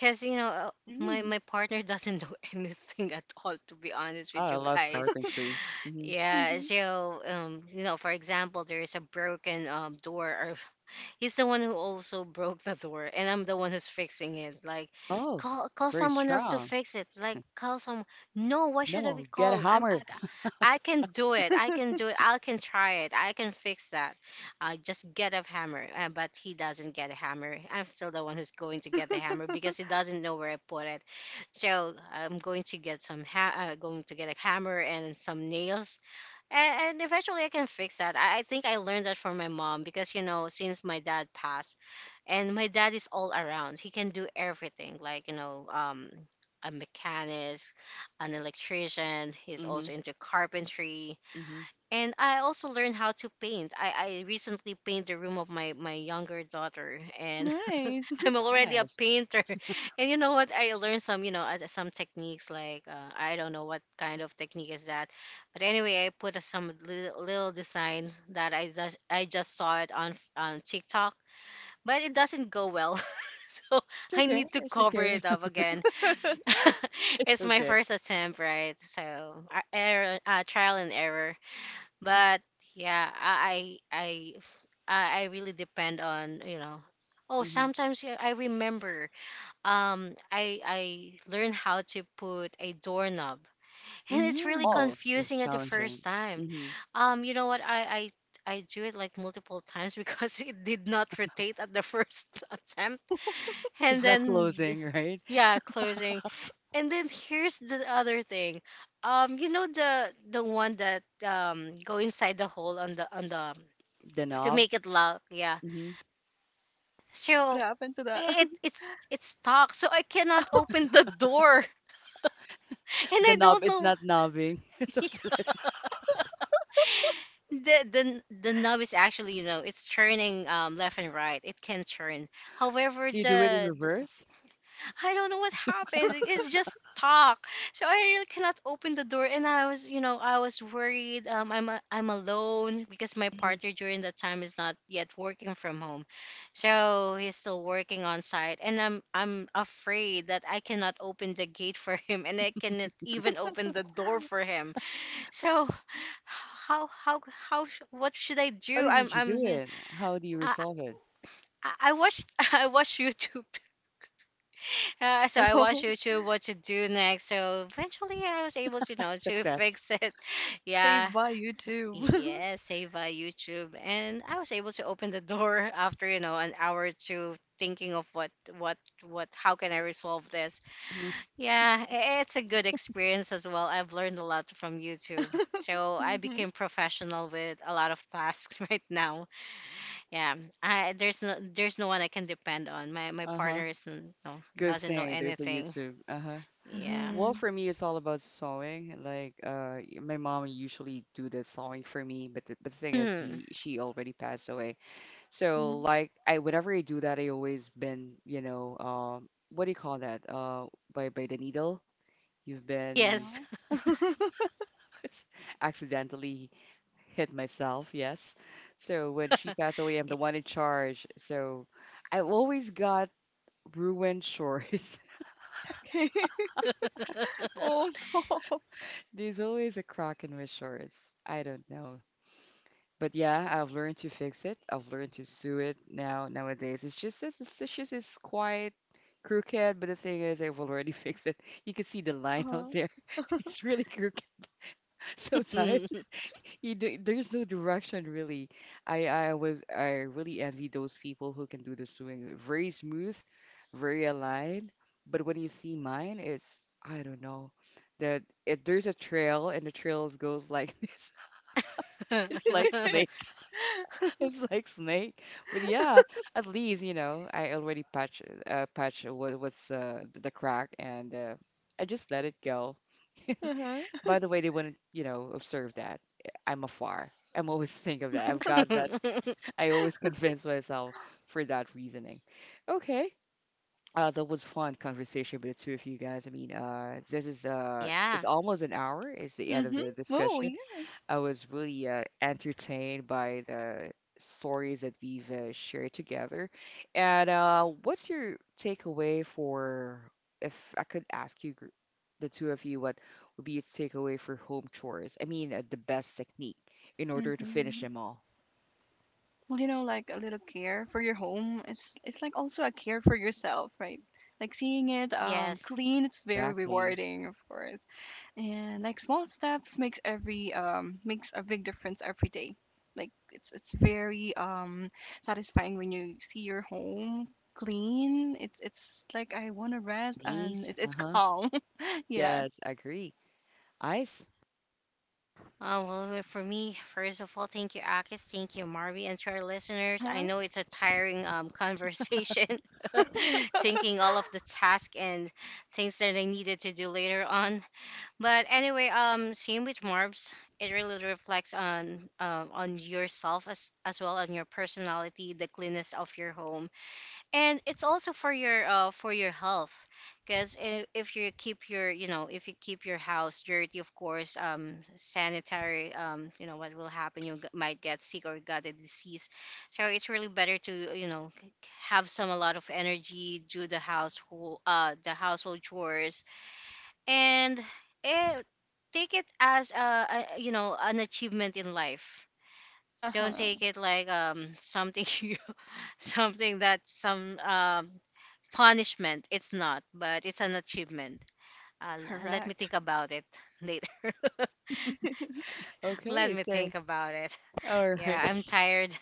[SPEAKER 3] cause you know my
[SPEAKER 2] Mm.
[SPEAKER 3] partner doesn't do anything at all. To be honest
[SPEAKER 1] Oh,
[SPEAKER 3] with
[SPEAKER 1] I
[SPEAKER 3] you
[SPEAKER 1] love
[SPEAKER 3] guys,
[SPEAKER 1] carpentry. Hmm.
[SPEAKER 3] yeah,
[SPEAKER 2] Mm-hmm.
[SPEAKER 3] so you know, for example, there is a broken door, or he's the one who also broke the door, and I'm the one who's fixing it. Like,
[SPEAKER 1] Oh,
[SPEAKER 3] call
[SPEAKER 1] very
[SPEAKER 3] someone else to
[SPEAKER 1] strong.
[SPEAKER 3] fix it. Like, call some. No, why should I be
[SPEAKER 1] No, get a
[SPEAKER 3] called?
[SPEAKER 1] hammer.
[SPEAKER 3] I can do it. I can do it. I can try it. I can fix that. I just get a hammer, but he doesn't get a hammer. I'm still the one who's going to get the hammer because he doesn't know where I put it. So I'm going to get some going to get a hammer and some nails, and eventually I can fix that. I think I learned that from my mom because, you know, since my dad passed, and my dad is all around. He can do everything, like you know, a mechanic, an electrician. He's
[SPEAKER 1] Hmm.
[SPEAKER 3] also into carpentry.
[SPEAKER 1] Hmm.
[SPEAKER 3] And I also learned how to paint. I recently paint the room of my, my younger daughter, and
[SPEAKER 2] Nice.
[SPEAKER 3] I'm already a
[SPEAKER 1] Nice.
[SPEAKER 3] painter. And you know what? I learned some, you know, some techniques like I don't know what kind of technique is that, but anyway, I put some little, little design that I just saw it on TikTok, but it doesn't go well. So
[SPEAKER 1] It's
[SPEAKER 3] I
[SPEAKER 1] okay.
[SPEAKER 3] need to
[SPEAKER 1] It's
[SPEAKER 3] cover
[SPEAKER 1] okay.
[SPEAKER 3] it up again.
[SPEAKER 1] It's
[SPEAKER 3] It's my
[SPEAKER 1] okay.
[SPEAKER 3] first attempt, right? So error, trial and error. But yeah, I really depend on, you know. Oh,
[SPEAKER 1] Mm-hmm.
[SPEAKER 3] sometimes, yeah, I remember. I learned how to put a doorknob, and it's really
[SPEAKER 2] Mm.
[SPEAKER 1] Oh, that's
[SPEAKER 3] confusing at the
[SPEAKER 1] challenging.
[SPEAKER 3] first time.
[SPEAKER 1] Hmm.
[SPEAKER 3] You know what? I do it like multiple times because it did not rotate at the first attempt, and
[SPEAKER 1] It's not
[SPEAKER 3] then
[SPEAKER 1] closing, right?
[SPEAKER 3] yeah, closing, and then here's the other thing, you know, the one that go inside the hole on the,
[SPEAKER 1] The
[SPEAKER 3] to
[SPEAKER 1] knob.
[SPEAKER 3] make it lock. Yeah.
[SPEAKER 1] Hmm.
[SPEAKER 2] What
[SPEAKER 3] So
[SPEAKER 2] happened to that?
[SPEAKER 3] it it's stuck, so I cannot open the door and
[SPEAKER 1] The
[SPEAKER 3] I don't
[SPEAKER 1] knob is
[SPEAKER 3] know.
[SPEAKER 1] not knobbing. So
[SPEAKER 3] The the knob is actually, you know, it's turning, left and right, it can turn, however
[SPEAKER 1] do you do it in reverse?
[SPEAKER 3] I don't know what happened. It's just talk. So I really cannot open the door, and I was, you know, I was worried. I'm a, I'm alone because my
[SPEAKER 1] Mhm.
[SPEAKER 3] partner during that time is not yet working from home, so he's still working on site, and I'm afraid that I cannot open the gate for him, and I cannot even open the door for him. So how how how what should I
[SPEAKER 1] How
[SPEAKER 3] do?
[SPEAKER 1] did you do
[SPEAKER 3] I'm, you know,
[SPEAKER 1] it? How do you
[SPEAKER 3] I
[SPEAKER 1] resolve it?
[SPEAKER 3] I watched I watched YouTube. So I watched
[SPEAKER 2] Oh,
[SPEAKER 3] YouTube what to do next. So eventually I was able to, you know, to
[SPEAKER 1] Success.
[SPEAKER 3] fix it. Yeah.
[SPEAKER 2] saved by YouTube.
[SPEAKER 3] Yeah, save by YouTube. And I was able to open the door after, you know, an hour or two thinking of what what how can I resolve this.
[SPEAKER 1] Hmm.
[SPEAKER 3] Yeah, it's a good experience as well. I've learned a lot from YouTube. So I
[SPEAKER 2] mm-hmm.
[SPEAKER 3] became professional with a lot of tasks right now. Yeah. I There's no one I can depend on. My
[SPEAKER 1] Uh-huh.
[SPEAKER 3] partner is
[SPEAKER 1] Good
[SPEAKER 3] doesn't know
[SPEAKER 1] thing there's a
[SPEAKER 3] anything.
[SPEAKER 1] YouTube. Uh-huh.
[SPEAKER 3] Yeah.
[SPEAKER 1] Well,
[SPEAKER 2] Mm-hmm.
[SPEAKER 1] for me, it's all about sewing. Like, my mom usually do the sewing for me, but the thing is,
[SPEAKER 3] Mm.
[SPEAKER 1] he she already passed away. So,
[SPEAKER 2] Mhm.
[SPEAKER 1] like, I whenever I do that, I always been, you know, what do you call that? By the needle. You've been
[SPEAKER 3] Yes.
[SPEAKER 2] Yeah.
[SPEAKER 1] accidentally hit myself, yes. So when she passed away, I'm the one in charge. So I always got ruined shorts.
[SPEAKER 2] Okay. Oh no.
[SPEAKER 1] There's always a crack in my shorts. I don't know. But yeah, I've learned to fix it. I've learned to sew it now nowadays. It's just it's just it's quite crooked, but the thing is I've already fixed it. You can see the line out
[SPEAKER 2] Uh-huh.
[SPEAKER 1] there. It's really crooked sometimes.
[SPEAKER 3] Mm.
[SPEAKER 1] You do, there's no direction really. I really envy those people who can do the swing very smooth, very aligned. But when you see mine, it's I don't know that it, there's a trail and the trails goes like this. It's like snake. It's like snake. But yeah, at least you know I already patch patch what's the crack and I just let it go.
[SPEAKER 2] Uh-huh.
[SPEAKER 1] By the way, they wouldn't you know observe that. I'm afar. I'm always think of that. I've got that I always convince myself for that reasoning. Okay. That was fun conversation with the two of you guys. I mean, this is it's
[SPEAKER 3] Yeah.
[SPEAKER 1] almost an hour. It's the end of
[SPEAKER 2] Mhm.
[SPEAKER 1] the
[SPEAKER 2] Oh,
[SPEAKER 1] discussion.
[SPEAKER 2] yes.
[SPEAKER 1] I was really entertained by the stories that we've shared together. And what's your takeaway for, if I could ask you, the two of you, what would be your takeaway for home chores? I mean, the best technique in order to finish
[SPEAKER 2] Mhm.
[SPEAKER 1] them all.
[SPEAKER 2] Well, you know, like a little care for your home is it's like also a care for yourself, right? Like seeing it
[SPEAKER 3] Yes.
[SPEAKER 2] clean, it's very
[SPEAKER 1] Exactly.
[SPEAKER 2] rewarding, of course. And like small steps makes every makes a big difference every day. Like it's very satisfying when you see your home clean. It's like I want to rest and
[SPEAKER 1] Neat.
[SPEAKER 2] it, it's
[SPEAKER 1] Uh-huh.
[SPEAKER 2] calm. yeah.
[SPEAKER 1] Yes, I agree. Ice.
[SPEAKER 3] Oh well, well, for me, first of all, thank you, Akis. Thank you, Marvy, and to our listeners. I
[SPEAKER 2] Uh-huh.
[SPEAKER 3] know it's a tiring conversation, thinking all of the tasks and things that I needed to do later on. But anyway, same with Marbs. It really reflects on yourself as well on your personality, the cleanness of your home, and it's also for your health, because if you keep your, you know, if you keep your house dirty, of course, sanitary, you know what will happen, you might get sick or got a disease. So it's really better to, you know, have some a lot of energy, do the household chores. And eh, take it as a, you know, an achievement in life. Don't
[SPEAKER 2] Uh-huh.
[SPEAKER 3] take it like something you something that some punishment. It's not, but it's an achievement. Let me
[SPEAKER 2] Correct.
[SPEAKER 3] think about it later. Let
[SPEAKER 1] Okay,
[SPEAKER 3] me
[SPEAKER 1] say
[SPEAKER 3] think about it.
[SPEAKER 1] all right.
[SPEAKER 3] Yeah, I'm tired.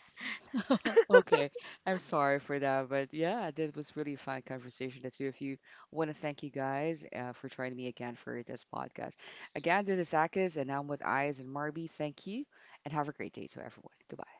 [SPEAKER 1] Okay. I'm sorry for that, but yeah, that was really a fun conversation. The two of you. Want to thank you guys for joining me again for this podcast. Again, this is Akis, and I'm with Eyes and Marby. Thank you, and have a great day to everyone. Goodbye.